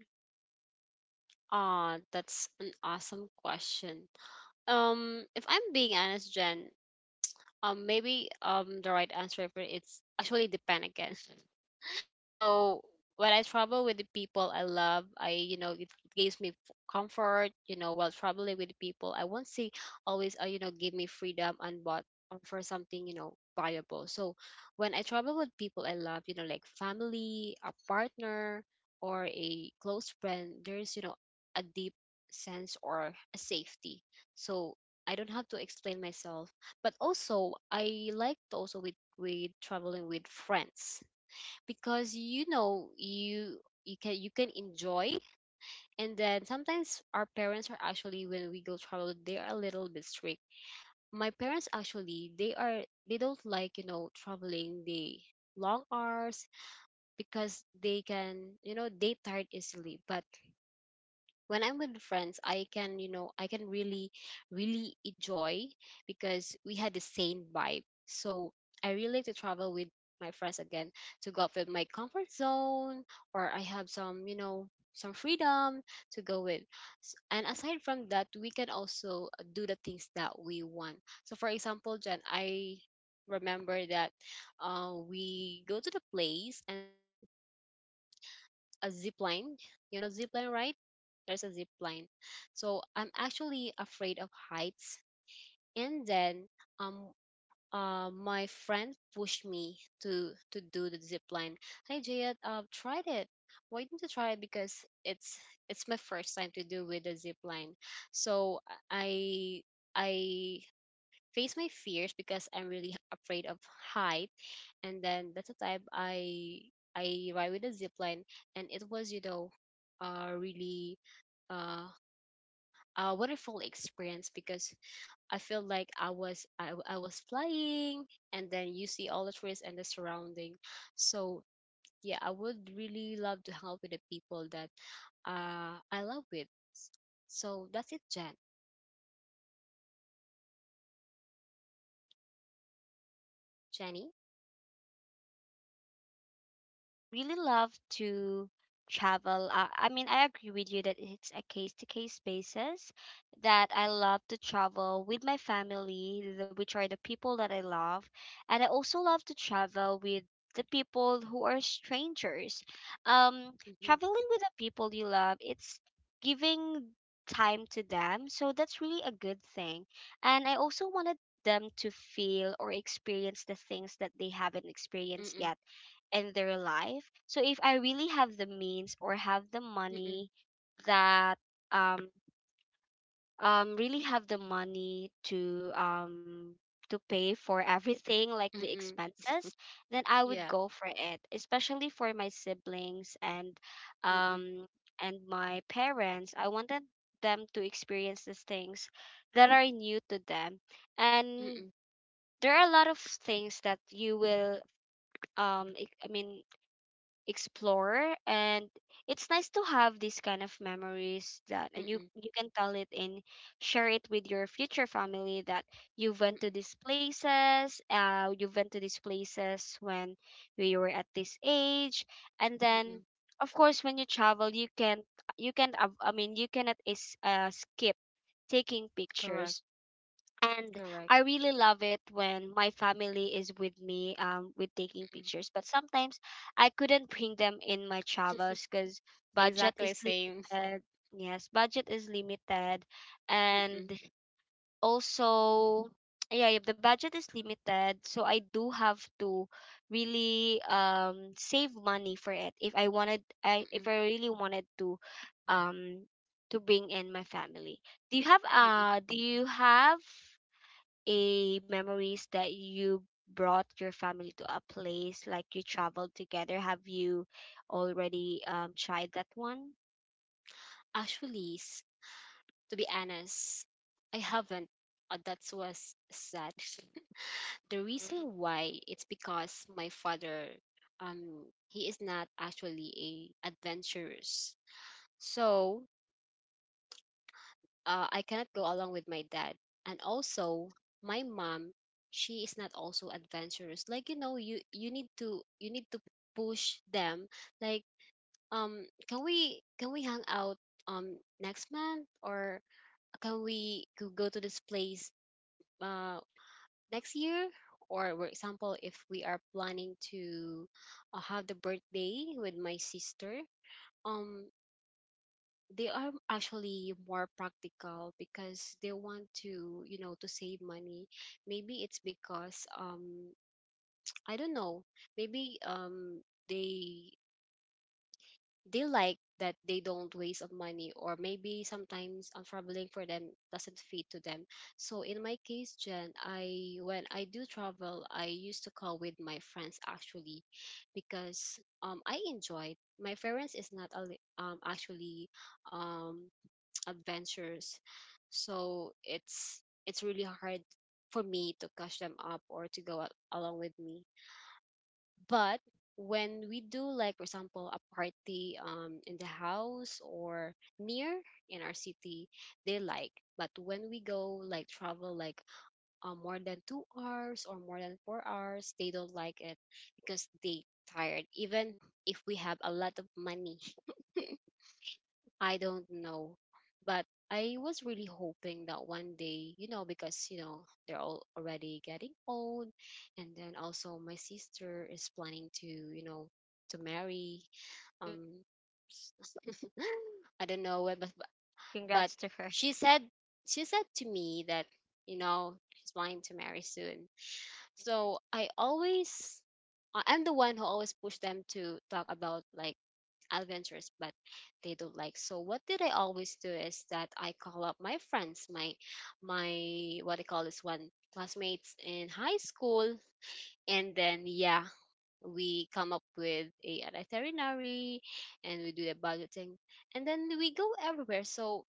Speaker 2: Ah, that's an awesome question. Um, if I'm being honest, Jen, um, maybe um the right answer for it's actually depend again. [laughs] So when I travel with the people I love, I you know it gives me f- comfort. You know, while traveling with people, I won't say always uh, you know give me freedom and what um, for something you know valuable. So when I travel with people I love, you know, like family, a partner, or a close friend, there's you know a deep sense or a safety. So I don't have to explain myself. But also I like to also with with traveling with friends because you know you you can you can enjoy and then sometimes our parents are actually when we go travel they are a little bit strict. My parents actually, they are, they don't like you know traveling the long hours because they can you know they tired easily. But when I'm with friends, I can, you know, I can really, really enjoy because we had the same vibe. So I really like to travel with my friends again, to go out with my comfort zone or I have some, you know, some freedom to go with. S- And aside from that, we can also do the things that we want. So for example, Jen, I remember that uh, we go to the place and then a zip line. You know zip line, right? There's a zip line. So I'm actually afraid of heights. And then um uh my friend pushed me to to do the zip line. Hey Jayat, I've tried it. Why didn't you try it? Because it's it's my first time to do with the zip line. So I I face my fears because I'm really afraid of heights, and then that's the time I I ride with a zip line, and it was you know, uh, really uh, a wonderful experience because I feel like I was I, w- I was flying, and then you see all the trees and the surrounding. So yeah, I would really love to help with the people that uh, I love with. So that's it, Jen. Jenny.
Speaker 1: I really love to travel. Uh, I mean, I agree with you that it's a case to case basis, that I love to travel with my family, the- which are the people that I love. And I also love to travel with the people who are strangers. Um,
Speaker 2: Mm-mm,
Speaker 1: traveling with the people you love, it's giving time to them. So that's really a good thing. And I also wanted them to feel or experience the things that they haven't experienced
Speaker 2: mm-mm,
Speaker 1: yet and their life. So if I really have the means or have the
Speaker 2: mm-mm,
Speaker 1: money, that um um really have the money to um to pay for everything like the
Speaker 2: mm-mm.
Speaker 1: expenses, then I would
Speaker 2: Yeah.
Speaker 1: go for it, especially for my siblings and
Speaker 2: Mm-mm,
Speaker 1: um and my parents. I wanted them to experience these things that are new to them. And
Speaker 2: mm-mm,
Speaker 1: there are a lot of things that you will um ex- I mean explore, and it's nice to have these kind of memories that, and you
Speaker 2: mm-mm,
Speaker 1: you can tell it and share it with your future family, that you went to
Speaker 2: mm-mm,
Speaker 1: these places uh you went to these places when we were at this age. And then
Speaker 2: mm-mm.
Speaker 1: of course when you travel you can you can I mean you cannot is uh, skip taking
Speaker 2: Correct.
Speaker 1: pictures, and
Speaker 2: Correct.
Speaker 1: I really love it when my family is with me, um, with taking pictures. But sometimes I couldn't bring them in my travels because budget
Speaker 2: Exactly
Speaker 1: is
Speaker 2: same.
Speaker 1: limited. Yes, budget is limited, and
Speaker 2: Mm-mm,
Speaker 1: also [tsk] yeah, if the budget is limited, so I do have to really um save money for it if I wanted I
Speaker 2: mm-mm,
Speaker 1: if I really wanted to um to bring in my family. Do you have
Speaker 2: mm-mm.
Speaker 1: uh do you have a memories that you brought your family to a place, like you traveled together, have you already um tried that one?
Speaker 2: Actually, s- to be honest, I haven't. Uh, that was sad. [laughs] The reason why it's because my father, um, he is not actually a adventurous, so uh, I cannot go along with my dad. And also, my mom, she is not also adventurous. Like, you know, you you need to you need to push them, like, um can we can we hang out um next month, or can we go go to this place uh next year? Or for example, if we are planning to uh, have the birthday with my sister, um they are actually more practical because they want to, you know to save money. Maybe it's because um I don't know, maybe um they they like that, they don't waste of money, or maybe sometimes, um, traveling for them doesn't fit to them. So in my case, Jen, I when I do travel, I used to call with my friends, actually, because um I enjoy. My parents is not al- um actually um [tsk] adventures, so it's it's really hard for me to catch them up or to go a- along with me. But when we do, like, for example, a party um in the house or near in our city, they like. But when we go, like, travel like uh, more than two hours or more than four hours, they don't like it because they tired. Even if we have a lot of money, I don't know. But I was really hoping that one day, you know, because, you know, they're all already getting old. And then also my sister is planning to, you know, to marry.
Speaker 1: Mm,
Speaker 2: Um, [gasps] I don't know what, but, but
Speaker 1: congrats to her.
Speaker 2: she said, she said to me that, you know, she's planning to marry soon. So, I always, I- I'm the one who always push them to talk about, like, adventurous, but they don't like. So what did I always do is that I call up my friends, my my what I call this one, classmates in high school, and then yeah, we come up with a an itinerary, and we do a budgeting, and then we go everywhere. So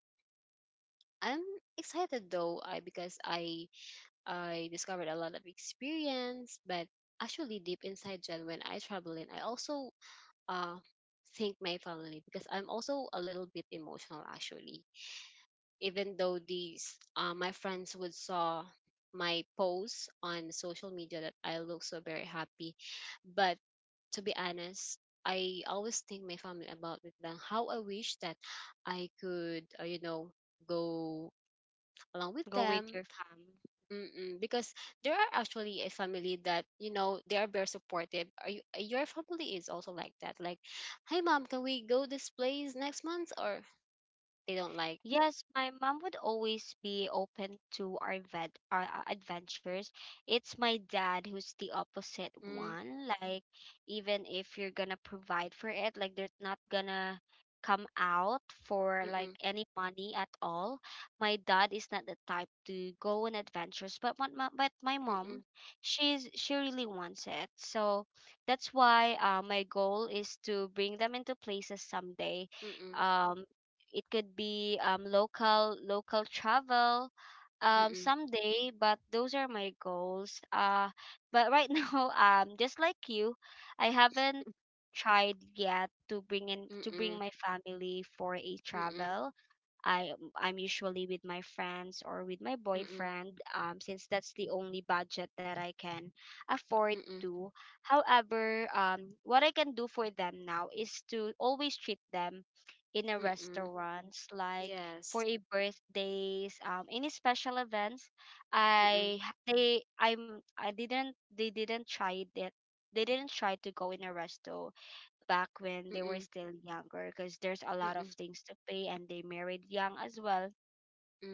Speaker 2: I'm excited, though I because I I discovered a lot of experience. But actually, deep inside, Jen, when I travel in, I also uh thank my family because I'm also a little bit emotional, actually. Even though these uh, my friends would saw my posts on social media that I look so very happy, but to be honest, I always think my family about it. Then how I wish that I could uh, you know go along with
Speaker 1: Go with
Speaker 2: them.
Speaker 1: your fam.
Speaker 2: Mm-mm, because there are actually a family that, you know they are very supportive. Are you, uh, your family is also like that? Like, hey mom, can we go this place next month? Or they don't like.
Speaker 1: Yes, my mom would always be open to our vet, our uh, adventures. It's my dad who's the opposite
Speaker 2: Mm,
Speaker 1: one. Like, even if you're gonna provide for it, like they're not gonna come out for like
Speaker 2: mm-mm,
Speaker 1: any money at all. My dad is not the type to go on adventures, but my, my but my
Speaker 2: mm-mm,
Speaker 1: mom, she's she really wants it. So that's why uh, my goal is to bring them into places someday.
Speaker 2: mm-mm,
Speaker 1: Um, it could be um, local local travel um
Speaker 2: mm-mm,
Speaker 1: someday, but those are my goals uh but right [laughs] now um just like you, I haven't tried yet to bring in to bring
Speaker 2: mm-mm,
Speaker 1: my family for a travel. I um, I'm usually with my friends or with my
Speaker 2: mm-mm, mm-mm,
Speaker 1: boyfriend, um, since that's the only budget that I can afford
Speaker 2: mm-mm,
Speaker 1: to. However, um, what I can do for them now is to always treat them in a
Speaker 2: mm-mm.
Speaker 1: restaurants, like for
Speaker 2: Yes.
Speaker 1: a birthdays, um any special events.
Speaker 2: Mm-mm,
Speaker 1: I they i'm i didn't, they didn't try it, they didn't try to go in a resto back when they were
Speaker 2: mm-mm,
Speaker 1: still younger because there's a lot of
Speaker 2: mm-mm,
Speaker 1: things to pay, and they married young as well.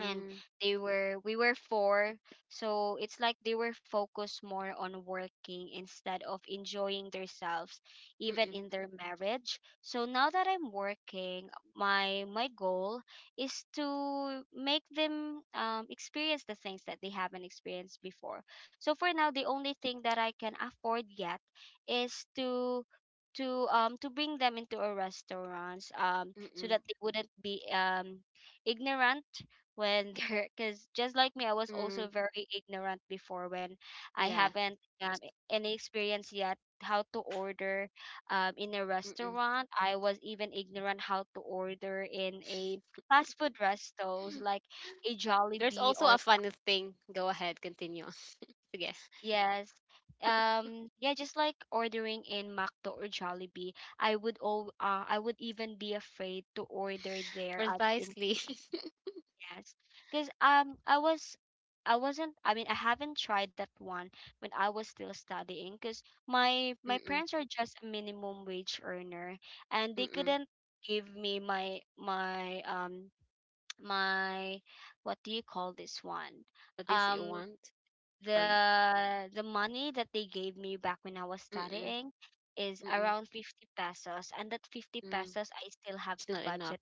Speaker 1: And they were, we were four, so it's like they were focused more on working instead of enjoying themselves even
Speaker 2: mm-mm,
Speaker 1: in their marriage. So now that I'm working, my my goal is to make them um, experience the things that they haven't experienced before. So for now, the only thing that I can afford yet is to to um to bring them into a restaurant, um so
Speaker 2: mm-mm,
Speaker 1: that they wouldn't be um ignorant when, [laughs] because just like me, I was also
Speaker 2: mm.
Speaker 1: very ignorant before when I
Speaker 2: Yeah.
Speaker 1: haven't um,
Speaker 2: there's-
Speaker 1: any experience yet how to order, um, in a
Speaker 2: Mm-mm.
Speaker 1: restaurant. I was even ignorant how to order in a fast food restos like a
Speaker 2: [laughs] There's
Speaker 1: Jollibee
Speaker 2: also
Speaker 1: or
Speaker 2: a funny thing. Go ahead, continue. [laughs] Sige.
Speaker 1: yes um yeah, just like ordering in Macdo or Jollibee. I would all uh, I would even be afraid to order there at in.
Speaker 2: Precisely. [laughs]
Speaker 1: Yes, because um, I was, I wasn't. I mean, I haven't tried that one when I was still studying. Because my my
Speaker 2: Mm-mm,
Speaker 1: parents are just a minimum wage earner, and they
Speaker 2: mm-mm.
Speaker 1: couldn't give me my my um [tsk] my what do you call this one,
Speaker 2: The things that you
Speaker 1: um
Speaker 2: want are you.
Speaker 1: the the money that they gave me back when I was
Speaker 2: Mm-mm,
Speaker 1: studying is
Speaker 2: mm-mm,
Speaker 1: around fifty pesos, and that fifty
Speaker 2: mm.
Speaker 1: pesos I still have
Speaker 2: It's
Speaker 1: to
Speaker 2: not enough.
Speaker 1: budget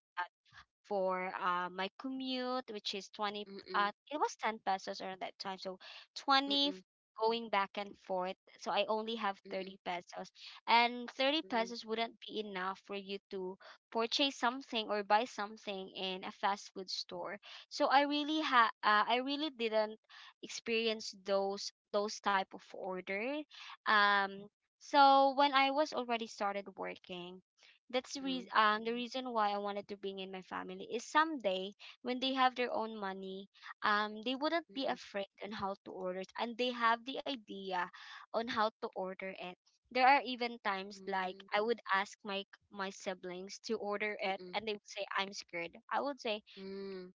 Speaker 1: for uh, my commute, which is twenty,
Speaker 2: Mm-mm,
Speaker 1: uh, it was ten pesos around that time. So twenty f-
Speaker 2: mm-mm,
Speaker 1: going back and forth. So I only have
Speaker 2: mm-mm,
Speaker 1: thirty pesos. And thirty
Speaker 2: mm-mm,
Speaker 1: pesos wouldn't be enough for you to purchase something or buy something in a fast food store. So I really ha uh, I really didn't experience those those type of order. Um, so when I was already started working, that's the
Speaker 2: mm-mm,
Speaker 1: reason um the reason why I wanted to bring in my family is someday when they have their own money, um they wouldn't be
Speaker 2: mm-mm,
Speaker 1: afraid on how to order it, and they have the idea on how to order it. There are even times like I would ask my my siblings to order it,
Speaker 2: mm-mm,
Speaker 1: and they would say I'm scared. I would say
Speaker 2: mm-mm,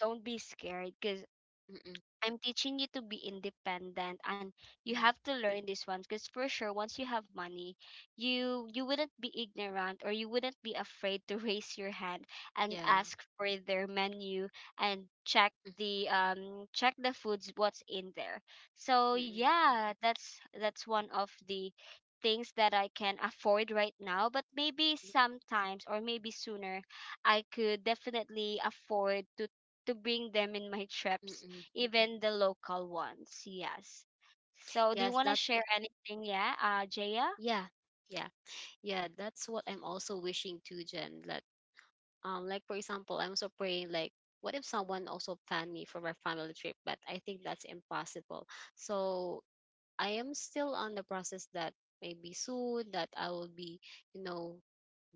Speaker 1: don't be scared because
Speaker 2: mm-mm,
Speaker 1: I'm teaching you to be independent, and you
Speaker 2: mm-mm.
Speaker 1: have to learn this one, because for sure once you have money, you you wouldn't be ignorant or you wouldn't be afraid to [laughs] raise your hand and
Speaker 2: Yeah.
Speaker 1: ask for their menu and check
Speaker 2: Mm,
Speaker 1: the um check the foods what's in there. So
Speaker 2: mm-mm,
Speaker 1: yeah, that's that's one of the things that I can afford right now, but maybe
Speaker 2: mm-mm.
Speaker 1: sometimes or maybe sooner I could definitely afford to to bring them in my
Speaker 2: Mm
Speaker 1: trips,
Speaker 2: mm-mm.
Speaker 1: even the local ones. Yes. So, do you
Speaker 2: Yes,
Speaker 1: want to
Speaker 2: that's
Speaker 1: share
Speaker 2: it.
Speaker 1: anything? Yeah, uh, Jaya?
Speaker 2: Yeah, yeah, yeah. That's what I'm also wishing to, Jen. That um, like for example, I'm also praying, like, what if someone also planned me for my family trip? But I think that's impossible. So I am still on the process that maybe soon that I will be, you know,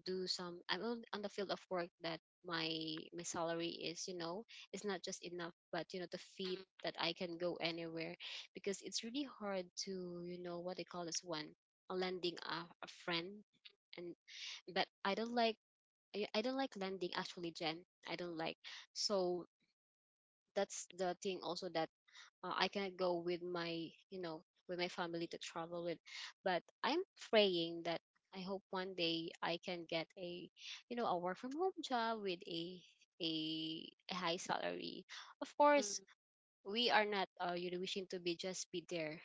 Speaker 2: do some I'm on, on, the field of work that my my salary is, you know, it's not just enough, but you know, the feet that I can go anywhere because it's really hard to, you know, what they call this one, a lending a, a friend. And but I don't like, I, I don't like lending, actually, Jen. I don't like. So that's the thing also that uh, I cannot go with my, you know, with my family to travel with. But I'm praying that I hope one day I can get a, you know, a work from home job with a a, a high salary. Of
Speaker 1: Mm.
Speaker 2: course, we are not, uh, you know, wishing to be just be there,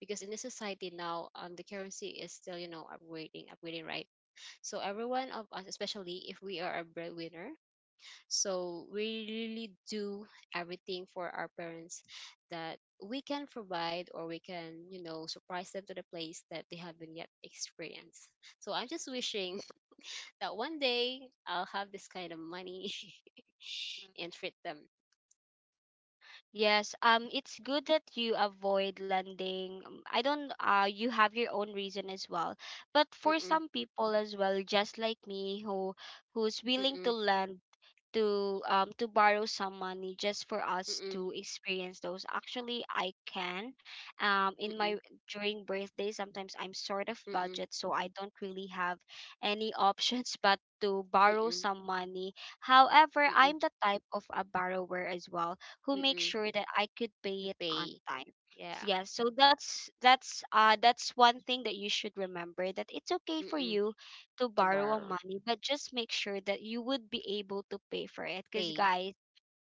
Speaker 2: because in this society now, um, the currency is still, you know, upgrading, upgrading, right? So every one of us, especially if we are a breadwinner, so we really do everything for our parents, that we can provide, or we can, you know, surprise them to the place that they haven't yet experienced. So I'm just wishing [laughs] that one day I'll have this kind of money [laughs] and treat them.
Speaker 1: Yes, um, it's good that you avoid lending. Um, I don't, uh, You have your own reason as well. But for
Speaker 2: Mm-mm,
Speaker 1: some people as well, just like me, who who's willing to
Speaker 2: mm-mm,
Speaker 1: lend to um to borrow some money just for us
Speaker 2: mm-mm,
Speaker 1: to experience those, actually I can um in my
Speaker 2: mm-mm,
Speaker 1: during birthday sometimes I'm sort of
Speaker 2: mm-mm,
Speaker 1: budget, so I don't really have any options [laughs] but to borrow
Speaker 2: mm-mm,
Speaker 1: some money. However,
Speaker 2: mm-mm,
Speaker 1: I'm the type of a borrower as well who makes
Speaker 2: mm-mm.
Speaker 1: sure that I could
Speaker 2: To
Speaker 1: pay it on
Speaker 2: pay.
Speaker 1: time. S-
Speaker 2: Yeah.
Speaker 1: yeah, so that's that's uh that's one thing that you should remember, that it's okay for
Speaker 2: Mm-mm.
Speaker 1: you to
Speaker 2: To
Speaker 1: borrow a
Speaker 2: borrow.
Speaker 1: money, but just make sure that you would be able to pay for it. Because,
Speaker 2: Pay
Speaker 1: guys,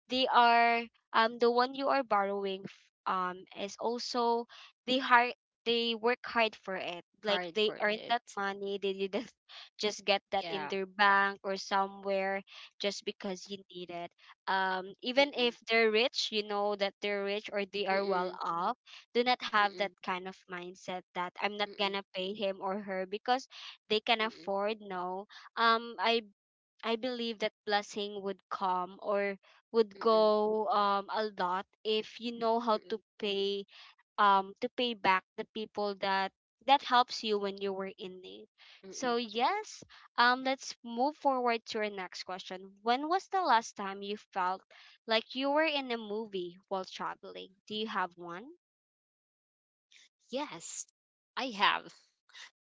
Speaker 1: they are, um the one you are borrowing f- um is also, they hard, they work hard for it, like
Speaker 2: hard
Speaker 1: they
Speaker 2: for
Speaker 1: earned that
Speaker 2: it.
Speaker 1: money, they didn't [laughs] just get that in
Speaker 2: Yeah.
Speaker 1: their bank or somewhere just because you need it. Um even
Speaker 2: Mm-mm,
Speaker 1: if they're rich, you know that they're rich or they are
Speaker 2: mm-mm,
Speaker 1: well off, do not have
Speaker 2: mm-mm,
Speaker 1: that kind of mindset that I'm not
Speaker 2: mm-mm,
Speaker 1: gonna pay him or her because they can
Speaker 2: mm-mm.
Speaker 1: afford. No, um i I believe that blessing would come or would
Speaker 2: Mm-mm,
Speaker 1: go um a lot if you know how
Speaker 2: mm-mm,
Speaker 1: to pay um to pay back the people that that helps you when you were in need.
Speaker 2: mm-mm.
Speaker 1: So yes, um let's move forward to our next question. When was the last time you felt like you were in a movie while traveling? Do you have one?
Speaker 2: Yes, I have,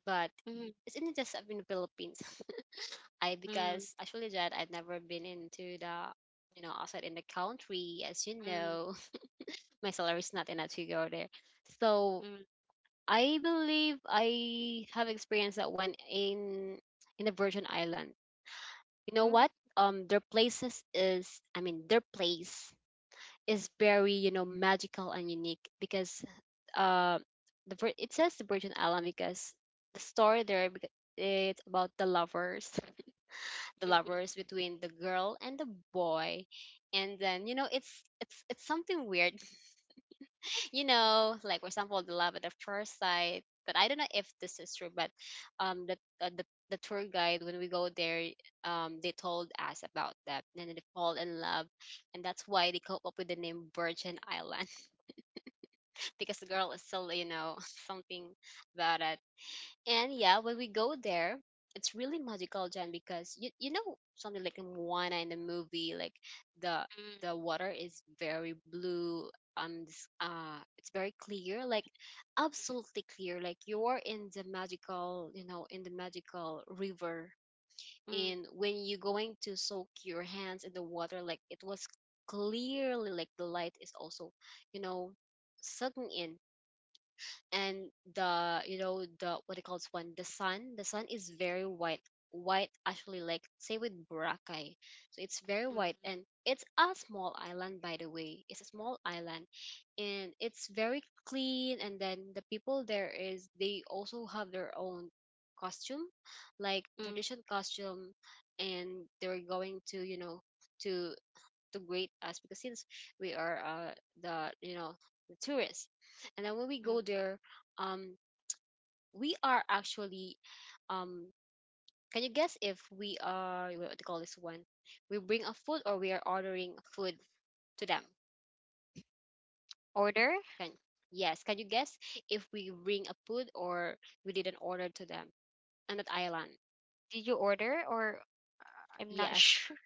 Speaker 2: but
Speaker 1: Mm,
Speaker 2: it's in just in the Philippines. [laughs] I
Speaker 1: mm,
Speaker 2: because actually that I've never been into the, you know outside in the country. As you
Speaker 1: mm,
Speaker 2: know, [laughs] my salary is not enough to go there. So
Speaker 1: mm,
Speaker 2: I believe I have experienced that one in in the Virgin Island. You know
Speaker 1: mm, mm,
Speaker 2: what? Um, their places is, I mean, their place is very, you know magical and unique because uh the vir- it says the Virgin Island, because the story there, beca- it's about the lovers, [laughs] the
Speaker 1: mm,
Speaker 2: lovers between the girl and the boy. And then, you know it's it's it's something weird. [laughs] You know like, for example, the love at the first sight. But I don't know if this is true, but um the uh, the the tour guide, when we go there, um they told us about that, and then they fall in love, and that's why they come up with the name Virgin Island, because the girl is still, you know, [laughs] something about it. And yeah, when we go there, it's really magical, Jen, because you you know something like in Moana in the movie, like the the water is very blue. Um, this, uh, it's very clear, like, absolutely clear. Like you're in the magical, you know, in the magical river.
Speaker 1: mm,
Speaker 2: And when you're going to soak your hands in the water, like it was clearly, like the light is also, you know, sucking in, and the you know the what it calls one, the sun the sun is very white, white, actually, like, say with boracay. So it's very white,
Speaker 1: mm,
Speaker 2: and it's a small island, by the way, it's a small island, and it's very clean. And then the people there is, they also have their own costume, like
Speaker 1: mm,
Speaker 2: tradition costume, and they're going to, you know to to greet us, because since we are, uh, the, you know the tourists. And then when we
Speaker 1: mm.
Speaker 2: go there, um, we are actually, um, can you guess if we are, what do you call this one, we bring a food or we are ordering food to them?
Speaker 1: Order?
Speaker 2: Can Yes, can you guess if we bring a food or we didn't order to them on that island?
Speaker 1: Did you order or I'm not [laughs]
Speaker 2: Yes,
Speaker 1: sure.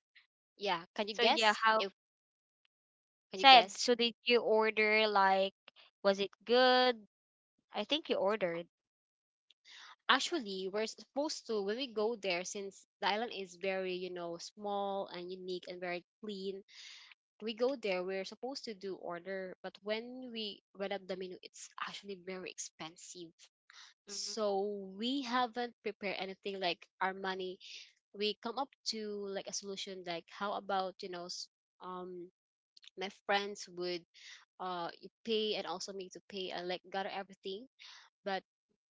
Speaker 2: yeah. Can you
Speaker 1: So yeah,
Speaker 2: guess
Speaker 1: how
Speaker 2: if can you
Speaker 1: sad.
Speaker 2: guess?
Speaker 1: So did you order, like, was it good? I think you ordered.
Speaker 2: Actually, we're supposed to, when we go there, since the island is very, you know, small and unique and very clean. We go there, we're supposed to do order, but when we read up the menu, it's actually very expensive.
Speaker 1: Mm.
Speaker 2: So we haven't prepared anything like our money. We come up to like a solution, like how about, you know, s- um my friends would, uh you pay and also me to pay and like gather everything. But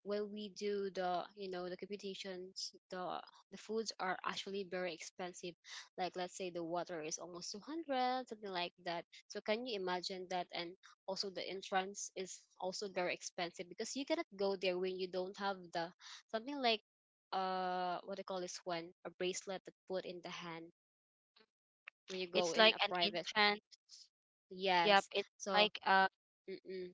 Speaker 2: when we do, the you know the computations, the the foods are actually very expensive. Like, let's say the water is almost two hundred, something like that, so can you imagine that? And also the entrance is also very expensive, because you cannot go there when you don't have the, something like, uh what they call this one, a bracelet, that put in the hand when you go
Speaker 1: It's
Speaker 2: in
Speaker 1: like
Speaker 2: a
Speaker 1: an
Speaker 2: private.
Speaker 1: entrance. Yep,
Speaker 2: Yes.
Speaker 1: it's
Speaker 2: So
Speaker 1: like uh
Speaker 2: mm-mm.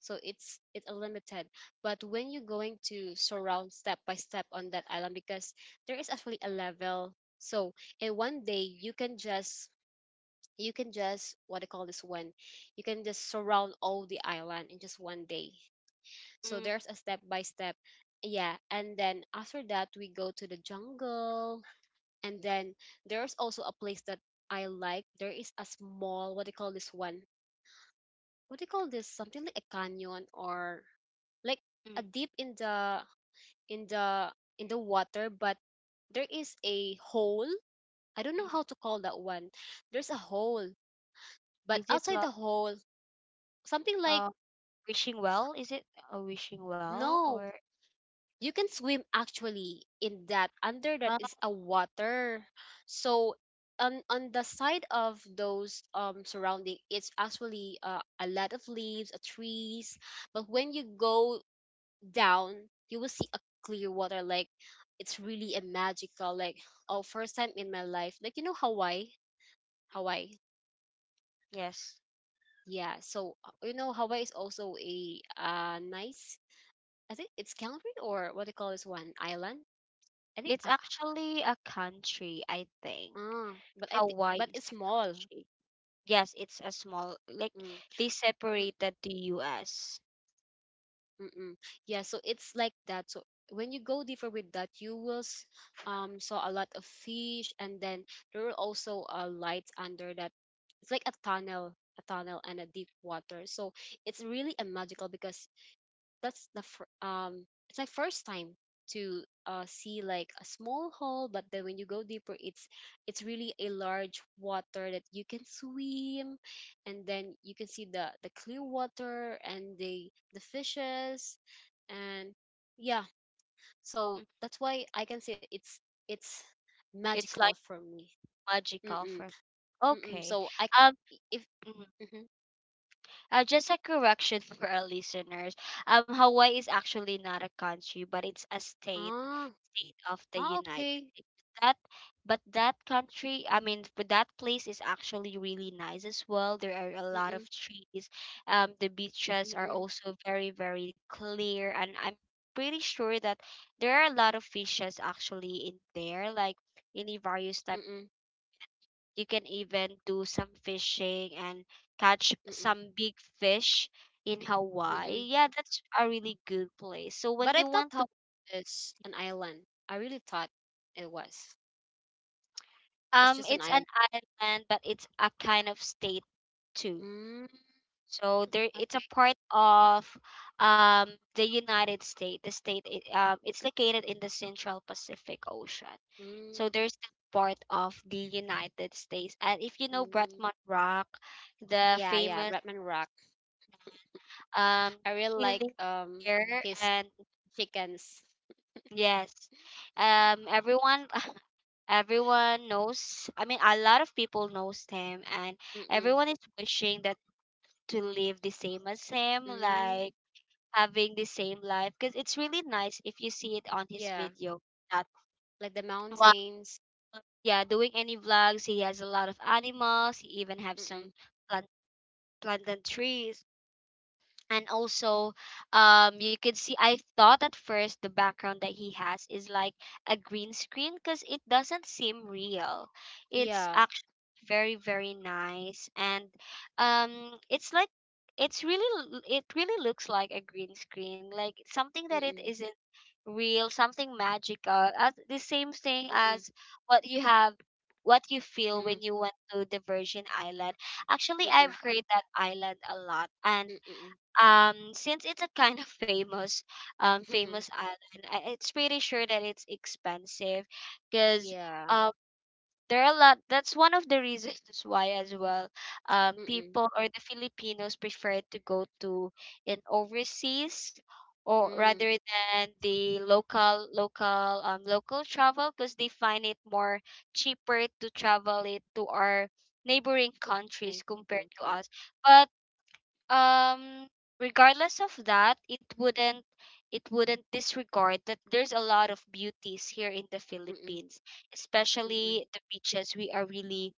Speaker 2: So it's it's a limited, but when you're going to surround step by step on that island, because there is actually a level. So in one day, you can just you can just what I call this one, you can just surround all the island in just one day. So
Speaker 1: mm,
Speaker 2: there's a step by step. Yeah, and then after that we go to the jungle, and then there's also a place that I like. There is a small, what do you call this one, what do you call this, something like a canyon, or like
Speaker 1: mm,
Speaker 2: a deep in the in the in the water, but there is a hole. I don't know
Speaker 1: mm.
Speaker 2: how to call that one. There's a hole, but
Speaker 1: Is it
Speaker 2: outside
Speaker 1: like
Speaker 2: the hole, something like,
Speaker 1: uh wishing well? Is it a wishing well
Speaker 2: no,
Speaker 1: or
Speaker 2: you can swim actually in that. Under that
Speaker 1: uh,
Speaker 2: is a water. So on on the side of those um surrounding, it's actually, uh, a lot of leaves, uh, trees. But when you go down, you will see a clear water. Like, it's really a magical. Like, oh, first time in my life. Like, you know Hawaii, Hawaii.
Speaker 1: yes.
Speaker 2: Yeah. So uh, you know Hawaii is also a uh nice. I think it's Calvary, or what they call this one, island. I think,
Speaker 1: It's
Speaker 2: uh,
Speaker 1: actually a country, I think.
Speaker 2: uh but I think,
Speaker 1: Hawaii
Speaker 2: but
Speaker 1: is
Speaker 2: it's
Speaker 1: a
Speaker 2: small.
Speaker 1: country. Yes, it's a small like
Speaker 2: Mm,
Speaker 1: they
Speaker 2: mm.
Speaker 1: separated the U S.
Speaker 2: Mm-mm. Yeah, so it's like that. So when you go deeper with that, you will s- um saw a lot of fish, and then there were also, uh, lights under that. It's like a tunnel, a tunnel, and a deep water. So it's really a magical, because that's the fir- um it's my first time to uh see like a small hole, but then when you go deeper, it's it's really a large water that you can swim, and then you can see the the clear water and the the fishes, and yeah, so
Speaker 1: Mm.
Speaker 2: that's why I can say it's it's
Speaker 1: It's
Speaker 2: magical
Speaker 1: like
Speaker 2: for me.
Speaker 1: magical
Speaker 2: Mm-mm,
Speaker 1: for,
Speaker 2: mm-mm.
Speaker 1: okay.
Speaker 2: So i
Speaker 1: Um,
Speaker 2: c- if
Speaker 1: mhm.
Speaker 2: mhm.
Speaker 1: Uh, just a correction for our listeners. Um, Hawaii is actually not a country, but it's a state,
Speaker 2: Ah,
Speaker 1: state of the
Speaker 2: ah,
Speaker 1: United
Speaker 2: okay.
Speaker 1: States. That, but that country, I mean, but that place is actually really nice as well. There are a lot of
Speaker 2: Mm-mm,
Speaker 1: trees. Um, the beaches are
Speaker 2: mm-mm,
Speaker 1: also very, very clear, and I'm pretty sure that there are a lot of fishes actually in there, like any various type.
Speaker 2: mm-mm,
Speaker 1: You can even do some fishing and catch
Speaker 2: mm-mm,
Speaker 1: some big fish in
Speaker 2: mm-mm.
Speaker 1: Hawaii. Yeah, that's a really good place. So when
Speaker 2: But
Speaker 1: you
Speaker 2: I thought
Speaker 1: want to,
Speaker 2: Hawaii is an island. I really thought it was. It's
Speaker 1: um,
Speaker 2: just an
Speaker 1: it's an
Speaker 2: island.
Speaker 1: island, but it's a kind of state too.
Speaker 2: Mm,
Speaker 1: So there, it's a
Speaker 2: like,
Speaker 1: part of um the United States. The state, i- um, it's located in the Central Pacific Ocean.
Speaker 2: mm,
Speaker 1: So there's that part of the United States. And if you know
Speaker 2: mm.
Speaker 1: Bretman Rock, the
Speaker 2: Yeah, yeah,
Speaker 1: famous
Speaker 2: Bretman Rock.
Speaker 1: um
Speaker 2: I really like
Speaker 1: healing
Speaker 2: um
Speaker 1: care.
Speaker 2: his
Speaker 1: And
Speaker 2: chickens.
Speaker 1: yes, um everyone [laughs] everyone knows, I mean, a lot of people knows him, and
Speaker 2: Mm-mm.
Speaker 1: everyone is wishing that to live the same as him,
Speaker 2: Mm,
Speaker 1: like having the same life, because it's really nice if you see it on his
Speaker 2: yeah,
Speaker 1: video. That,
Speaker 2: like the
Speaker 1: wow,
Speaker 2: mountains.
Speaker 1: yeah, doing any vlogs, he has a lot of animals. He even have some
Speaker 2: Mm-mm.
Speaker 1: plant planted trees. And also, um you can see, I thought at first the background that he has is like a green screen, because it doesn't seem real. It's
Speaker 2: Yeah.
Speaker 1: actually very, very nice. And um it's like, it's really l- it really looks like a green screen, like something that it
Speaker 2: Mm-mm.
Speaker 1: isn't real, something magical, as the same thing
Speaker 2: Mm-mm.
Speaker 1: as what you have, what you feel when
Speaker 2: Mm-mm.
Speaker 1: you went to the Virgin Island. Actually, I've
Speaker 2: Mm-mm.
Speaker 1: heard that island a lot, and
Speaker 2: Mm-mm.
Speaker 1: um since it's a kind of famous um famous
Speaker 2: [laughs]
Speaker 1: island, I, it's pretty sure that it's expensive, because
Speaker 2: Yeah.
Speaker 1: um there are a lot. That's one of the reasons why as well, um
Speaker 2: Mm-mm.
Speaker 1: people, or the Filipinos, prefer to go to in overseas or
Speaker 2: Mm.
Speaker 1: rather than the local local um local travel, because they find it more cheaper to travel it to our neighboring countries
Speaker 2: Neighbor
Speaker 1: compared to
Speaker 2: country.
Speaker 1: us. But um regardless of that, it wouldn't, it wouldn't disregard that there's a lot of beauties here in the
Speaker 2: Mm-mm.
Speaker 1: Philippines,
Speaker 2: Mm-mm.
Speaker 1: especially the beaches. We are really,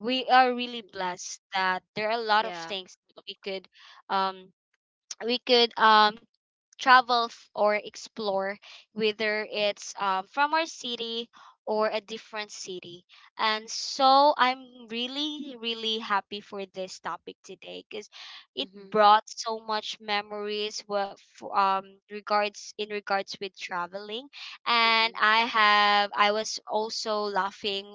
Speaker 1: we are really
Speaker 2: Mm-mm.
Speaker 1: blessed that there are a lot of
Speaker 2: Yeah.
Speaker 1: things we could, um [tsk] we could um travel f- or explore, whether it's um, from our city or a different city. And so I'm really, really happy for this topic today, because it
Speaker 2: Mm-hmm.
Speaker 1: brought so much memories what, um regards in regards with traveling. And
Speaker 2: Mm-mm.
Speaker 1: I have I was also laughing,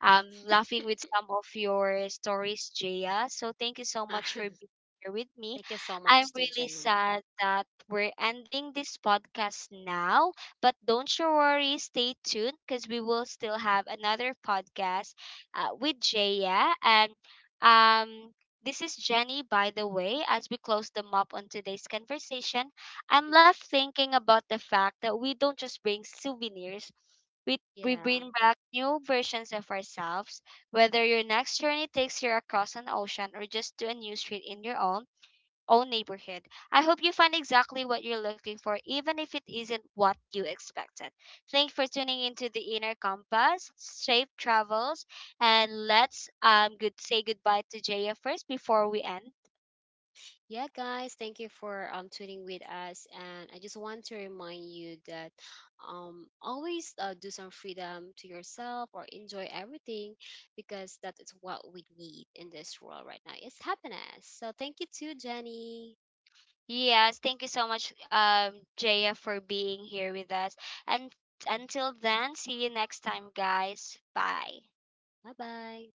Speaker 1: um laughing with some of your stories, Jaya. So thank you so much for
Speaker 2: [laughs]
Speaker 1: being here with me.
Speaker 2: Thank you so
Speaker 1: I'm
Speaker 2: much to
Speaker 1: really
Speaker 2: Jen.
Speaker 1: sad that we're ending this podcast now, but don't you worry, stay tuned, because we will still have another podcast uh, with Jaya. And um, this is Jenny, by the way. As we close the map on today's conversation, I'm
Speaker 2: Mm,
Speaker 1: left thinking about the fact that we don't just bring souvenirs. We, we
Speaker 2: yeah.
Speaker 1: bring back new versions of ourselves. Whether your next journey takes you across an ocean or just to a new street in your own own neighborhood. I hope you find exactly what you're looking for, even if it isn't what you expected. Thanks for tuning into the Inner Compass, safe travels, and let's um good say goodbye to Jaya first before we end.
Speaker 2: Yeah, guys, thank you for um tuning with us. And I just want to remind you that um always uh, do some freedom to yourself or enjoy everything, because that is what we need in this world right now. It's happiness. So thank you to Jenny.
Speaker 1: Yes, thank you so much, um, Jaya, for being here with us. And until then, see you next time, guys. Bye.
Speaker 2: Bye bye.